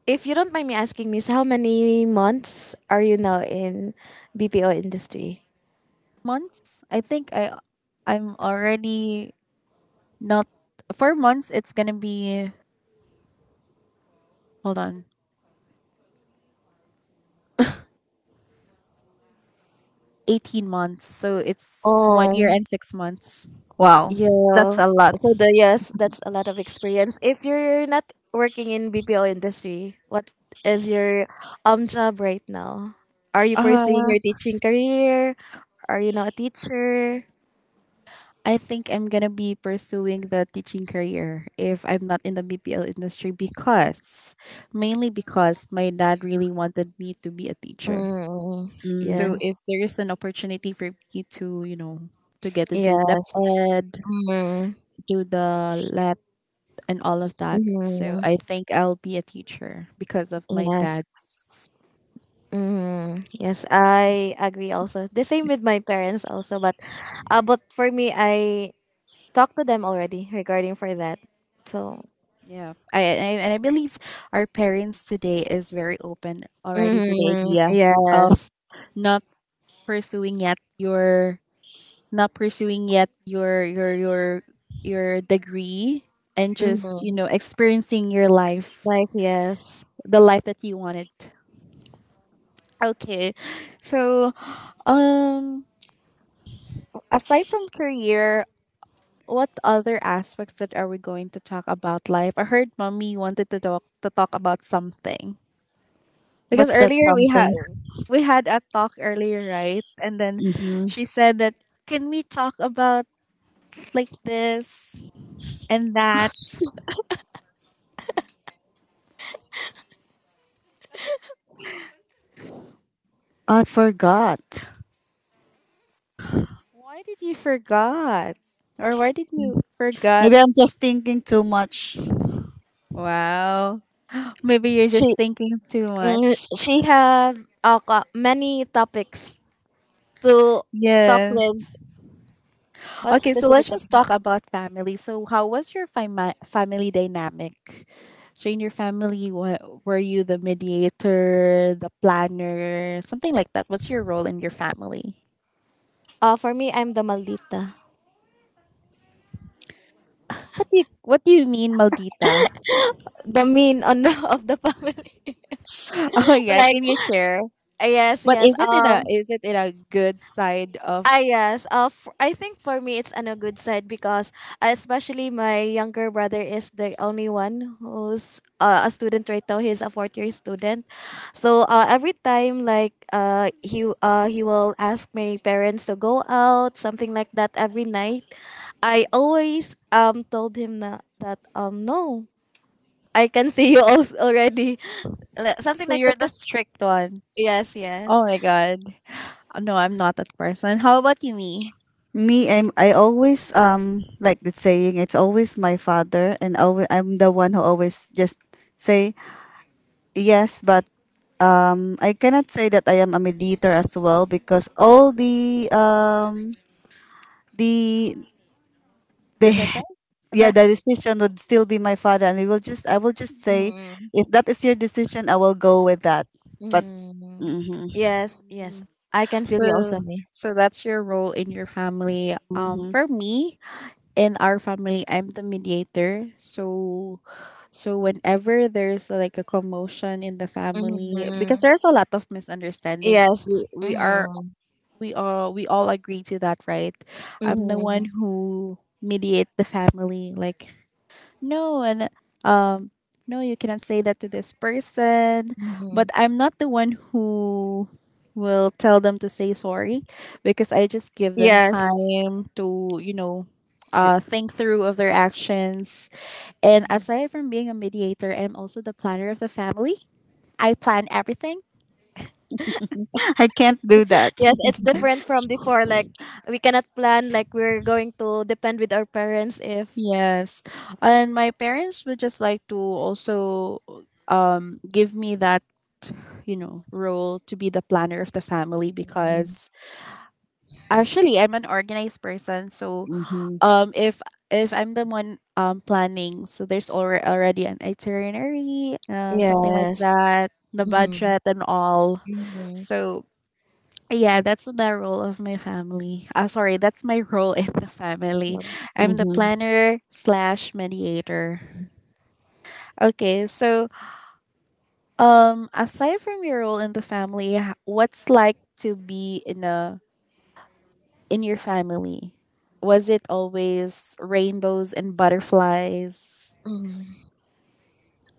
Speaker 2: If you don't mind me asking, Miss, how many months are you now in BPO industry?
Speaker 1: months. I think I'm already not for months. It's gonna be, hold on, 18 months. So it's 1 year
Speaker 2: Um,
Speaker 1: and 6 months.
Speaker 3: Wow, that's
Speaker 2: yeah.
Speaker 3: a lot.
Speaker 2: So the yes, that's a lot of experience. If you're not working in BPO industry, what is your job right now? Are you
Speaker 1: Uh
Speaker 2: pursuing your teaching career? Are you now a teacher?
Speaker 1: I think I'm gonna be pursuing the teaching career if I'm not in the BPL industry, because mainly because my dad really wanted me to be a teacher.
Speaker 2: Mm,
Speaker 1: So
Speaker 3: Mm-hmm.
Speaker 2: yes.
Speaker 1: if there is an opportunity for me to get into the depth
Speaker 2: Yes.
Speaker 1: ed,
Speaker 2: Mm,
Speaker 1: do the let, and all of that. So
Speaker 2: mm,
Speaker 1: I think I'll be a teacher because of my
Speaker 2: yes.
Speaker 1: dad's,
Speaker 2: Mm, yes, I agree also. The same with my parents also, but but for me I talked to them already regarding for that. So.
Speaker 1: yeah. I and I believe our parents today is very open already to the
Speaker 2: Mm,
Speaker 1: idea of
Speaker 2: yes.
Speaker 1: not pursuing yet your not pursuing yet your degree, and just
Speaker 2: Mm-hmm.
Speaker 1: experiencing your life,
Speaker 2: Like yes,
Speaker 1: the life that you wanted. Okay, so um aside from career, what other aspects that are we going to talk about life? I heard mommy wanted to talk about something, because
Speaker 3: What's that
Speaker 1: earlier we had
Speaker 3: something?
Speaker 1: we had a talk earlier, right? And then
Speaker 3: Mm-hmm.
Speaker 1: she said that, can we talk about like this and that?
Speaker 3: I forgot.
Speaker 1: Why did you forgot? Or why did you forgot?
Speaker 3: Maybe I'm just thinking too much.
Speaker 1: Wow. Maybe you're
Speaker 2: she
Speaker 1: just thinking too
Speaker 2: mm,
Speaker 1: much.
Speaker 2: she have, many topics to talk with.
Speaker 1: Yes.
Speaker 2: What
Speaker 1: Okay, so let's
Speaker 2: specific topic?
Speaker 1: just talk about family. So how was your family dynamic? So in your family, were you the mediator, the planner, something like that? What's your role in your family?
Speaker 2: For me, I'm the maldita,
Speaker 1: What do you mean, maldita?
Speaker 2: the mean on the, [LAUGHS] of the family.
Speaker 1: [LAUGHS] Oh yeah,
Speaker 2: [LAUGHS] Like,
Speaker 1: can you share?
Speaker 2: yes,
Speaker 1: But
Speaker 2: yes. Um.
Speaker 1: is it in a good side of?
Speaker 2: Ah, yes. I think for me, it's on a good side because, especially my younger brother is the only one who's a student right now. He's a fourth year student. So every time, like, he will ask my parents to go out, something like that every night. I always told him na, that, no, I can [LAUGHS] see you also already. [LAUGHS] Like, something
Speaker 1: So
Speaker 2: like
Speaker 1: you're
Speaker 2: that.
Speaker 1: the
Speaker 2: Cause,
Speaker 1: strict one.
Speaker 2: yes,
Speaker 1: Oh
Speaker 2: yes.
Speaker 1: my god. No, I'm not that person. How about you, me?
Speaker 3: Me, I always like the saying. It's always my father, and always, I'm the one who always just say yes, but. I cannot say that I am a mediator as well because all the they
Speaker 1: Decision?
Speaker 3: [LAUGHS] yeah
Speaker 1: The-
Speaker 3: the decision would still be my father and it will just I will just say if that is your decision I will go with that but
Speaker 2: Mm-hmm.
Speaker 3: hmm
Speaker 2: Yes, yes.
Speaker 1: Mm.
Speaker 2: I can feel
Speaker 1: So
Speaker 2: you also, me.
Speaker 1: so that's your role in your family.
Speaker 3: hmm.
Speaker 1: For me, in our family, I'm the mediator. So whenever there's like a commotion in the family
Speaker 2: Mm-hmm.
Speaker 1: because there's a lot of misunderstanding,
Speaker 2: Yes.
Speaker 1: we we are
Speaker 2: Mm-hmm.
Speaker 1: we all we all agree to that, right? I'm the one who mediate the family, like, no, and um no, you cannot say that to this person.
Speaker 2: Mm-hmm.
Speaker 1: But I'm not the one who will tell them to say sorry, because I just give them
Speaker 2: Yes.
Speaker 1: time to
Speaker 3: [LAUGHS]
Speaker 1: think through of their actions. And
Speaker 2: Mhm.
Speaker 1: aside from being a mediator, I'm also the planner of the family. I plan everything.
Speaker 3: I can't do that.
Speaker 2: Yes, it's different from before. Like we cannot plan. Like we're going to depend with our parents if.
Speaker 1: Yes. And my parents would just like to also give me that role, to be the planner of the family,
Speaker 2: Mhm.
Speaker 1: because actually, I'm an organized person. So
Speaker 3: Hmm
Speaker 1: um, if if I'm the one planning, so there's already an itinerary, something like
Speaker 2: Yes.
Speaker 1: that, the
Speaker 2: Mm-hmm.
Speaker 1: budget and all. So yeah, that's the role of my family. Sorry, that's my [LAUGHS] role in the family. I'm the
Speaker 3: hmm
Speaker 1: planner slash mediator. Okay, so aside from your role in the family, what's like to be in your family? Was it always rainbows and butterflies?
Speaker 2: Mm-hmm.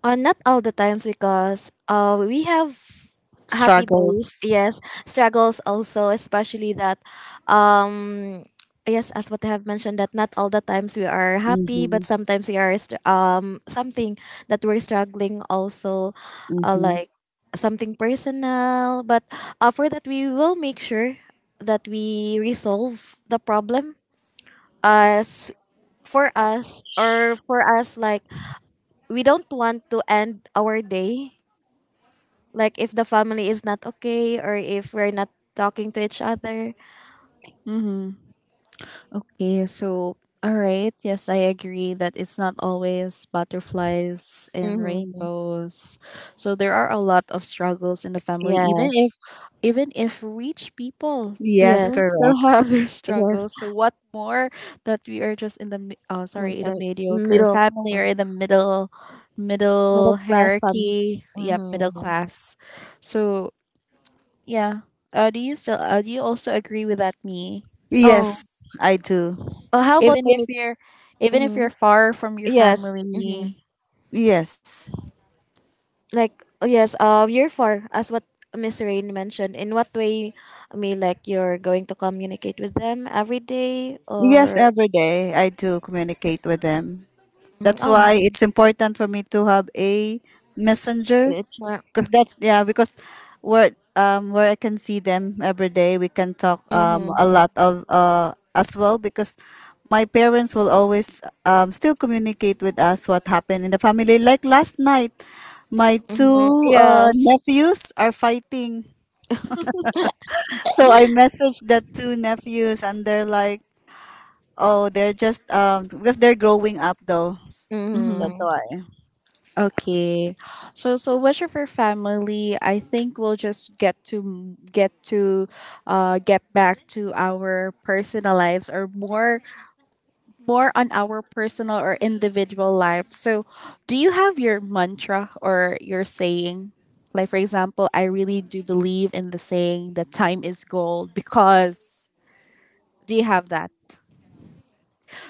Speaker 2: Not all the times because, we have happy days,
Speaker 3: struggles
Speaker 2: yes, struggles also, especially that, um, yes, as what I have mentioned, that not all the times we are happy, but
Speaker 3: hmm
Speaker 2: sometimes something that we're struggling also,
Speaker 3: hmm
Speaker 2: like something personal. But, for that, we will make sure that we resolve the problem as for us, or for us like, we don't want to end our day like if the family is not okay, or if we're not talking to each other.
Speaker 1: Okay, so all right. Yes, I agree that it's not always butterflies and
Speaker 2: Mm-hmm.
Speaker 1: rainbows. So there are a lot of struggles in the family, even
Speaker 2: Yes,
Speaker 1: if even if rich people, they
Speaker 3: yes
Speaker 1: do
Speaker 2: yes,
Speaker 1: still
Speaker 3: correct
Speaker 1: [LAUGHS] have their
Speaker 2: yes.
Speaker 1: struggles. So what more that we are just in the
Speaker 2: M-
Speaker 1: sorry, in the
Speaker 2: uh,
Speaker 1: mediocre
Speaker 2: middle
Speaker 1: family,
Speaker 2: uh,
Speaker 1: or in the middle
Speaker 2: middle
Speaker 1: middle
Speaker 2: class family.
Speaker 1: hierarchy, yep, middle
Speaker 2: Mm-hmm.
Speaker 1: class. So, yeah. Do you also agree with that, me?
Speaker 2: Oh.
Speaker 3: yes I do
Speaker 2: Oh, how about
Speaker 1: even
Speaker 2: you,
Speaker 1: if
Speaker 2: meet?
Speaker 1: you're even if
Speaker 2: Mm-hmm.
Speaker 1: you're far from your
Speaker 2: Yes, mm-hmm.
Speaker 1: family.
Speaker 3: yes
Speaker 2: Like oh, yes, year four, as what Miss Rain mentioned, in what way I mean, like you're going to communicate with them every day,
Speaker 3: yes
Speaker 2: or?
Speaker 3: every day I do communicate with them.
Speaker 2: Mhm.
Speaker 3: That's
Speaker 2: Oh,
Speaker 3: why
Speaker 1: hmm
Speaker 3: it's important for me to have a messenger
Speaker 2: it's
Speaker 3: because that's yeah because where I can see them every day we can talk a
Speaker 2: not.
Speaker 3: lot of as well because my parents will always still communicate with us what happened in the family like last night my
Speaker 2: Mm-hmm.
Speaker 3: two
Speaker 2: Yes.
Speaker 3: nephews are fighting
Speaker 2: [LAUGHS]
Speaker 3: so I messaged the two nephews and they're like oh they're just because they're growing up though
Speaker 1: hmm
Speaker 3: that's
Speaker 2: Mm-hmm.
Speaker 3: why.
Speaker 1: okay, so much of your family, I think we'll just get to m- get to get back to our personal lives, or more on our personal or individual lives. So do you have your mantra or your saying? Like, for example, I really do believe in the saying that time is gold. Because do you have that?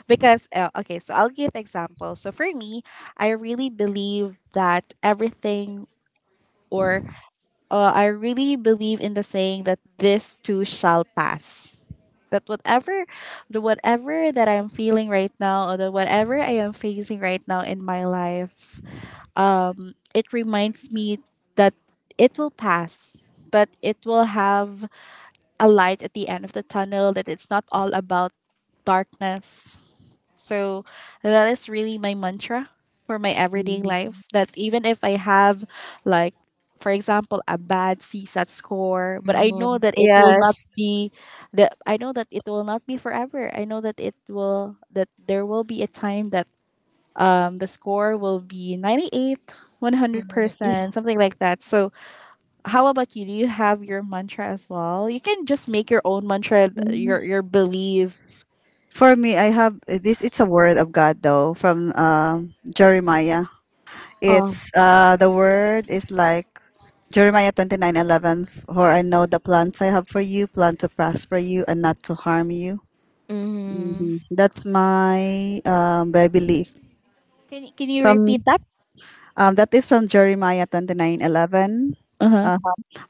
Speaker 1: Because okay, so I'll give example. So for me, I really believe that everything, or I really believe in the saying that this too shall pass. That whatever that I'm feeling right now, or the whatever I am facing right now in my life, it reminds me that it will pass, but it will have a light at the end of the tunnel, that it's not all about darkness. So that is really my mantra for my everyday
Speaker 3: Mm-hmm.
Speaker 1: life. That even if I have, like, for example, a bad CSAT score, but I
Speaker 2: Mm-hmm.
Speaker 1: know that it will not
Speaker 2: Yes.
Speaker 1: be the I know that it will not be forever. I know that it will that there will be a time that the score will be 98,
Speaker 2: Yeah.
Speaker 1: 100%, something like that. So how about you? Do you have your mantra as well? You can just make your own mantra, your belief.
Speaker 3: For me, I have this. It's a word of God though from Jeremiah.
Speaker 2: Oh.
Speaker 3: It's the word is like Jeremiah 29:11. For I know the plans I have for you, plan to prosper you and not to harm you.
Speaker 2: Mm-hmm.
Speaker 3: Mhm. That's my I belief.
Speaker 1: Can you
Speaker 3: From
Speaker 1: repeat
Speaker 3: that is from Jeremiah 29:11.
Speaker 1: that?
Speaker 3: Uh,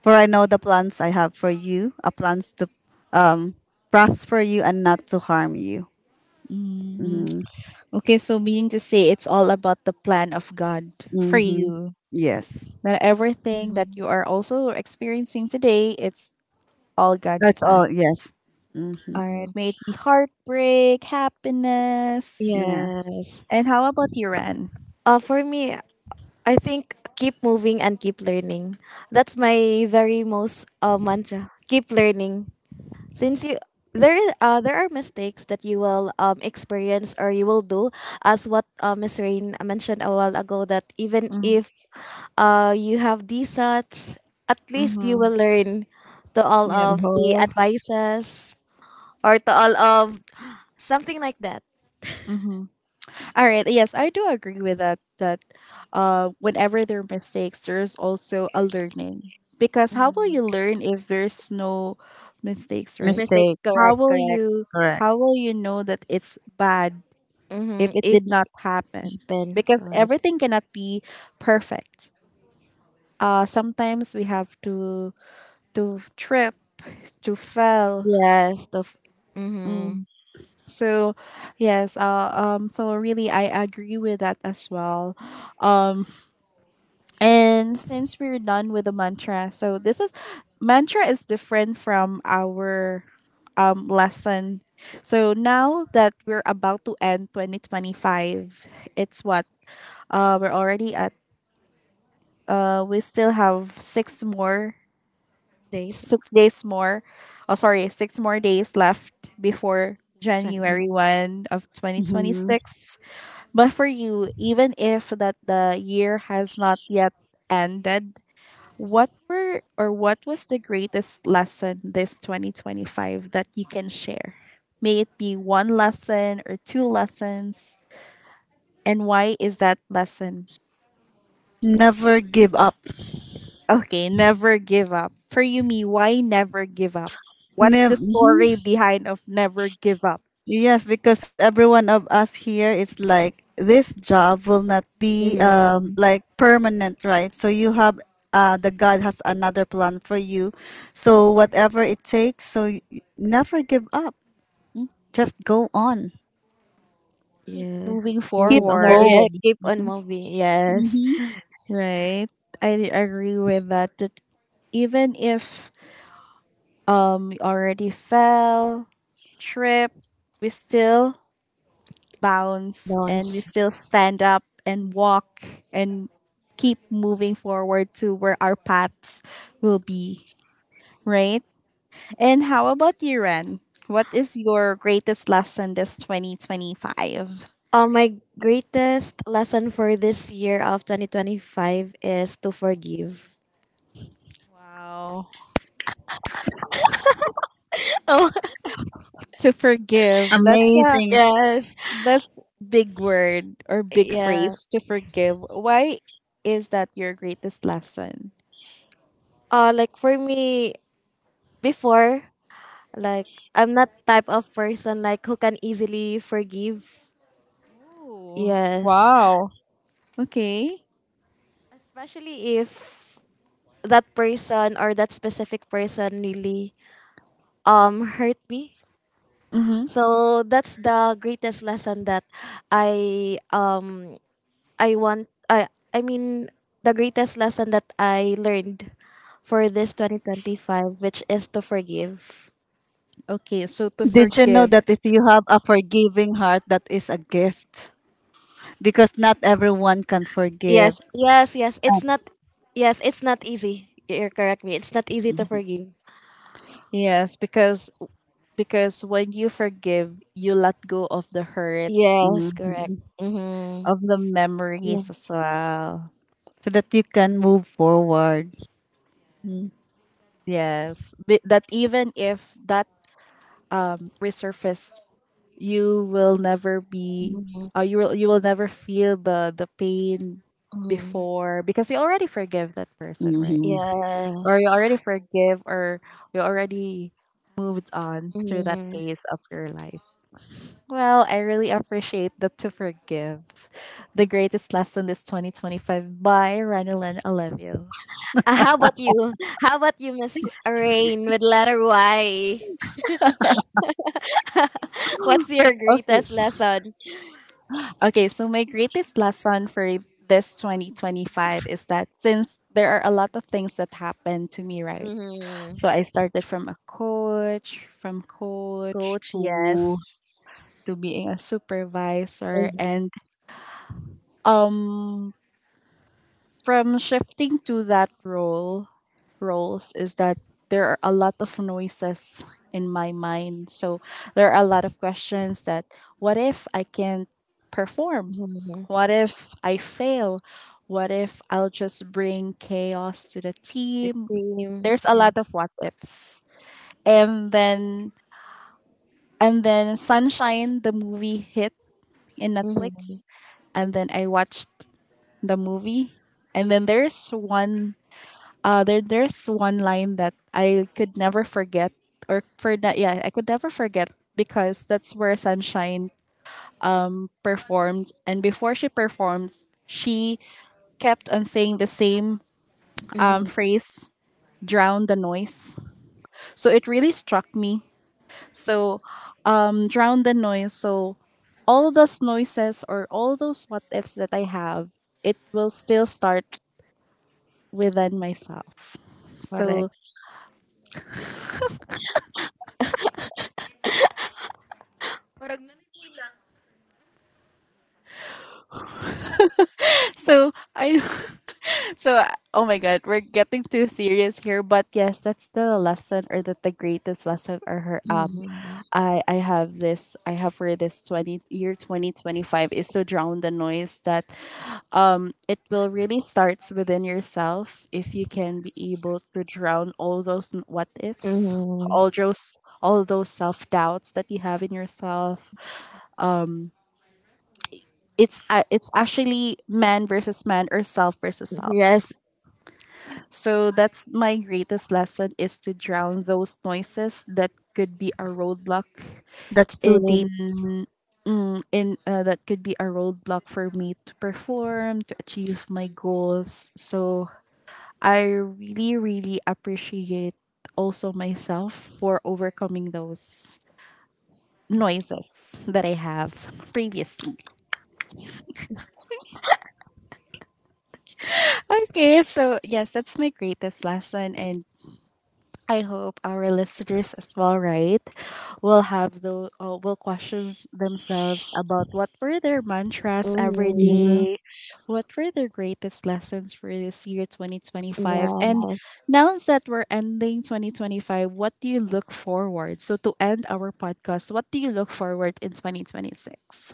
Speaker 3: for I know the plans I have for you, a plans to um, prosper you and not to harm you.
Speaker 1: Mm.
Speaker 3: Mm-hmm.
Speaker 1: Okay, so meaning to say, it's all about the plan of God for
Speaker 3: Mm-hmm.
Speaker 1: you.
Speaker 3: Yes.
Speaker 1: That everything that you are also experiencing today, it's all God's
Speaker 3: That's
Speaker 1: plan.
Speaker 3: all. Yes. Mm,
Speaker 1: All right,
Speaker 2: Mm-hmm.
Speaker 1: may it be heartbreak, happiness.
Speaker 3: yes.
Speaker 2: Yes.
Speaker 1: And how about you, Ren?
Speaker 2: For me, I think keep moving and keep learning. That's my very most mantra. Keep learning. Since you, there are mistakes that you will, experience or you will do, as what, Miss Rain mentioned a while ago, that even if, you have these, at least you
Speaker 1: Mm-hmm.
Speaker 2: will learn to all
Speaker 1: Yep.
Speaker 3: The
Speaker 2: of the
Speaker 3: whole
Speaker 2: advices, or to all of, something like that.
Speaker 1: Mm-hmm. All right. Yes, I do agree with that. That, whenever there are mistakes, there's also a learning. Because how will
Speaker 2: Mhm.
Speaker 1: you learn if there's no mistakes, right?
Speaker 2: Mistakes,
Speaker 3: mistake.
Speaker 1: How
Speaker 2: correct,
Speaker 1: will
Speaker 2: correct.
Speaker 1: you how will you know that it's bad
Speaker 2: Mm-hmm.
Speaker 1: if it
Speaker 2: If
Speaker 1: did
Speaker 2: it
Speaker 1: not happen?
Speaker 2: happen,
Speaker 1: Because
Speaker 2: correct.
Speaker 1: everything cannot be perfect. Sometimes we have to trip, to fail.
Speaker 2: Yes, mm-hmm.
Speaker 1: Mm. So, yes. So really, I agree with that as well. Um. And since we're done with the mantra, so this is mantra is different from our lesson. So now that we're about to end 2025, it's what? We're already at, we still have
Speaker 2: Days
Speaker 1: 6 days more. Oh, sorry, six more days left before
Speaker 2: 20.
Speaker 1: January 1 of
Speaker 3: Hmm.
Speaker 1: 2026. But for you, even if that the year has not yet ended, what were or what was the greatest lesson this 2025 that you can share? May it be one lesson or two lessons, and why is that lesson?
Speaker 3: Never give up.
Speaker 1: Okay, never give up. For you, me, why never give up? What's the
Speaker 3: Never.
Speaker 1: story behind of never give up?
Speaker 3: Yes, because every one of us here is like this job will not be like permanent, right? So you have the God has another plan for you. So whatever it takes, never give up. Just go on.
Speaker 1: Keep
Speaker 2: Yes.
Speaker 1: moving
Speaker 2: Moving
Speaker 3: Keep
Speaker 2: on. Or
Speaker 1: forward,
Speaker 2: yeah,
Speaker 3: going.
Speaker 2: keep on moving. Yes.
Speaker 3: Mm-hmm.
Speaker 1: right? I agree with that. That even if we already fell, trip, we still bounce, and we
Speaker 2: Don'ts.
Speaker 1: still stand up and walk and keep moving forward to where our paths will be, right? And how about you, Ren? What is your greatest lesson this 2025?
Speaker 2: My greatest lesson for this year of 2025 is to forgive. [LAUGHS]
Speaker 1: Wow.
Speaker 2: Oh,
Speaker 1: To forgive. That's a
Speaker 3: Amazing.
Speaker 2: yes.
Speaker 1: that's big word, or big
Speaker 2: Yeah.
Speaker 1: phrase, to forgive. Why is that your greatest lesson?
Speaker 2: Like for me, before, like, I'm not type of person like who can easily forgive.
Speaker 1: Oh.
Speaker 2: Yes.
Speaker 1: Wow. Okay.
Speaker 2: Especially if that person or that specific person really hurt me.
Speaker 1: Mm-hmm.
Speaker 2: So that's the greatest lesson that I um I want I mean the greatest lesson that I learned for this 2025, which is to forgive.
Speaker 1: Okay, so to
Speaker 3: Did you know
Speaker 1: forgive.
Speaker 3: that if you have a forgiving heart, that is a gift? Because not everyone can forgive.
Speaker 2: Yes, yes, yes. It's not, yes, it's not easy. You're correct, me. It's not easy to forgive.
Speaker 1: Yes, because when you forgive, you let go of the hurt,
Speaker 2: Yes,
Speaker 3: Mm-mm.
Speaker 2: correct. Mhm.
Speaker 1: of the
Speaker 2: Yeah.
Speaker 1: memories as well.
Speaker 3: So that you can move forward.
Speaker 1: Yes, that even if that resurfaced, you will never be,
Speaker 2: Mhm.
Speaker 1: you will never feel the pain
Speaker 2: Mhm.
Speaker 1: before, because you already forgive that person, right?
Speaker 3: Hmm.
Speaker 1: Or
Speaker 2: Yes.
Speaker 1: you already forgive, or you already moved on through that
Speaker 2: Mhm.
Speaker 1: phase of your life. Well, I really appreciate the To Forgive. The Greatest Lesson is 2025 by Ranulan Alevio.
Speaker 2: How about you? How about you, Miss Rain with letter Y? What's your
Speaker 1: Okay.
Speaker 2: greatest lesson?
Speaker 1: Okay, so my greatest lesson for this 2025 is that since there are a lot of things that happened to me, right?
Speaker 2: Mm-hmm.
Speaker 1: So I started from a coach, from coach
Speaker 2: Coach,
Speaker 1: to
Speaker 2: yes.
Speaker 1: to being a supervisor, and um from shifting to that roles is that there are a lot of noises in my mind. So there are a lot of questions that what if I can't perform?
Speaker 2: Mm-hmm.
Speaker 1: What if I fail? What if I'll just bring chaos to the
Speaker 2: The
Speaker 1: team?
Speaker 2: team,
Speaker 1: There's a lot of
Speaker 2: yes.
Speaker 1: what ifs. And then and then Sunshine the movie hit in
Speaker 2: Mm-hmm.
Speaker 1: Netflix, and then I watched the movie, and then there's one there there's one line that I could never forget, or for that, yeah, I could never forget, because that's where Sunshine performed, and before she performs, she kept on saying the same
Speaker 2: Mm-hmm.
Speaker 1: phrase, "Drown the noise." So it really struck me. So, Drown the noise. So all those noises or all those what ifs that I have, it will still start within myself. So
Speaker 2: Correct. Parang nan-.
Speaker 1: so I [LAUGHS] So, Oh my god, we're getting too serious here, but yes, that's the lesson, or that the greatest lesson, or her
Speaker 2: Mm-hmm.
Speaker 1: I have this I have for this 20 year 2025 is to drown the noise, that it will really starts within yourself, if you can be able to drown all those what ifs, all
Speaker 2: Mm-hmm.
Speaker 1: those all those self-doubts that you have in yourself. It's actually man versus man, or self versus
Speaker 2: Yes.
Speaker 1: self. So that's my greatest lesson, is to drown those noises that could be a roadblock
Speaker 3: That's too deep.
Speaker 1: in in, that could be a roadblock for me to perform, to achieve my goals. So I really appreciate also myself for overcoming those noises that I have previously. Okay, so yes, that's my greatest lesson, and I hope our listeners as well, right, will have those will question themselves about what were their mantras every
Speaker 2: Mm-hmm.
Speaker 3: Hmm.
Speaker 1: day, what were their greatest lessons for this year 2025, and
Speaker 2: Yes.
Speaker 1: now that we're ending 2025, what do you look forward? So to end our podcast, what do you look forward in 2026?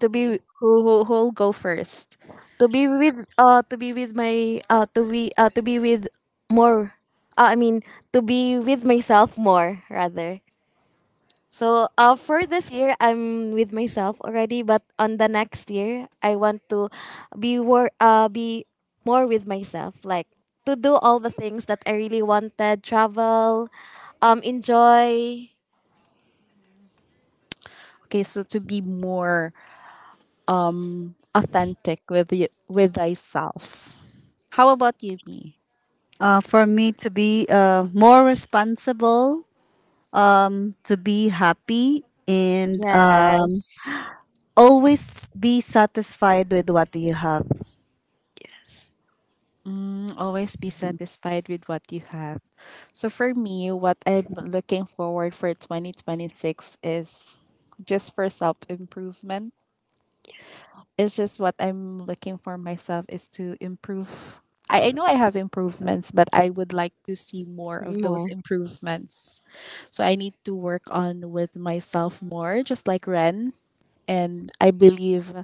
Speaker 2: To be
Speaker 1: who'll go first?
Speaker 2: to be with my to be with more I mean To be with myself more rather. So for this year, I'm with myself already, but on the next year, I want to be more with myself, like to do all the things that I really wanted, travel, enjoy.
Speaker 1: Okay, so to be more authentic with with thyself. How about you, me?
Speaker 3: For me to be more responsible, to be happy, and
Speaker 2: Yes,
Speaker 3: always be satisfied with what you have.
Speaker 2: yes,
Speaker 1: Mm, always be satisfied with what you have. So for me, what I'm looking forward for 2026 is just for self improvement. It's just what I'm looking for myself is to improve. I know I have improvements, but I would like to see more of those
Speaker 2: more
Speaker 1: improvements. So I need to work on with myself more, just like Ren. And I believe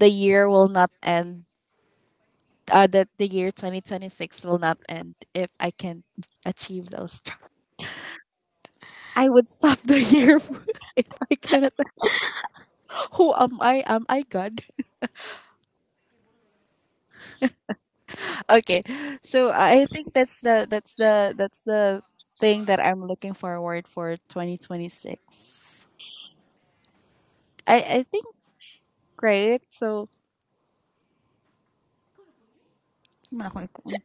Speaker 1: the year will not end, that the year 2026 will not end if I can achieve those tar- I would stop the year [LAUGHS] if I cannot. Who am I? Am I God? Okay, so I think that's the thing that I'm looking forward for 2026. I I think great. So
Speaker 3: Wala akong ikuan.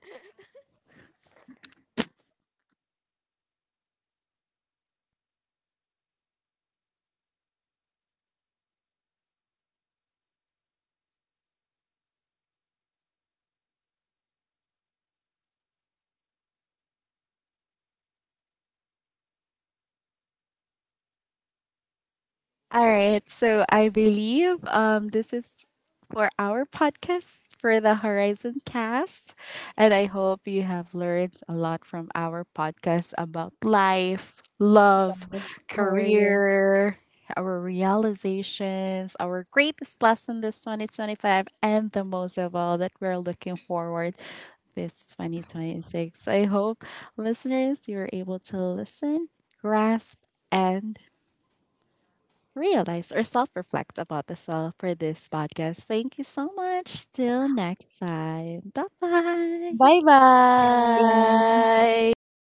Speaker 1: all right. So I believe this is for our podcast for the Horizon Cast, and I hope you have learned a lot from our podcast about life, love,
Speaker 2: career.
Speaker 1: career, our realizations, our greatest lesson this 2025, and the most of all that we're looking forward this 2026. I hope listeners, you are able to listen, grasp, and realize or self reflect about as well for this podcast. Thank you so much. Till next time. Bye
Speaker 2: Bye
Speaker 1: bye.
Speaker 3: Bye-bye.
Speaker 2: bye.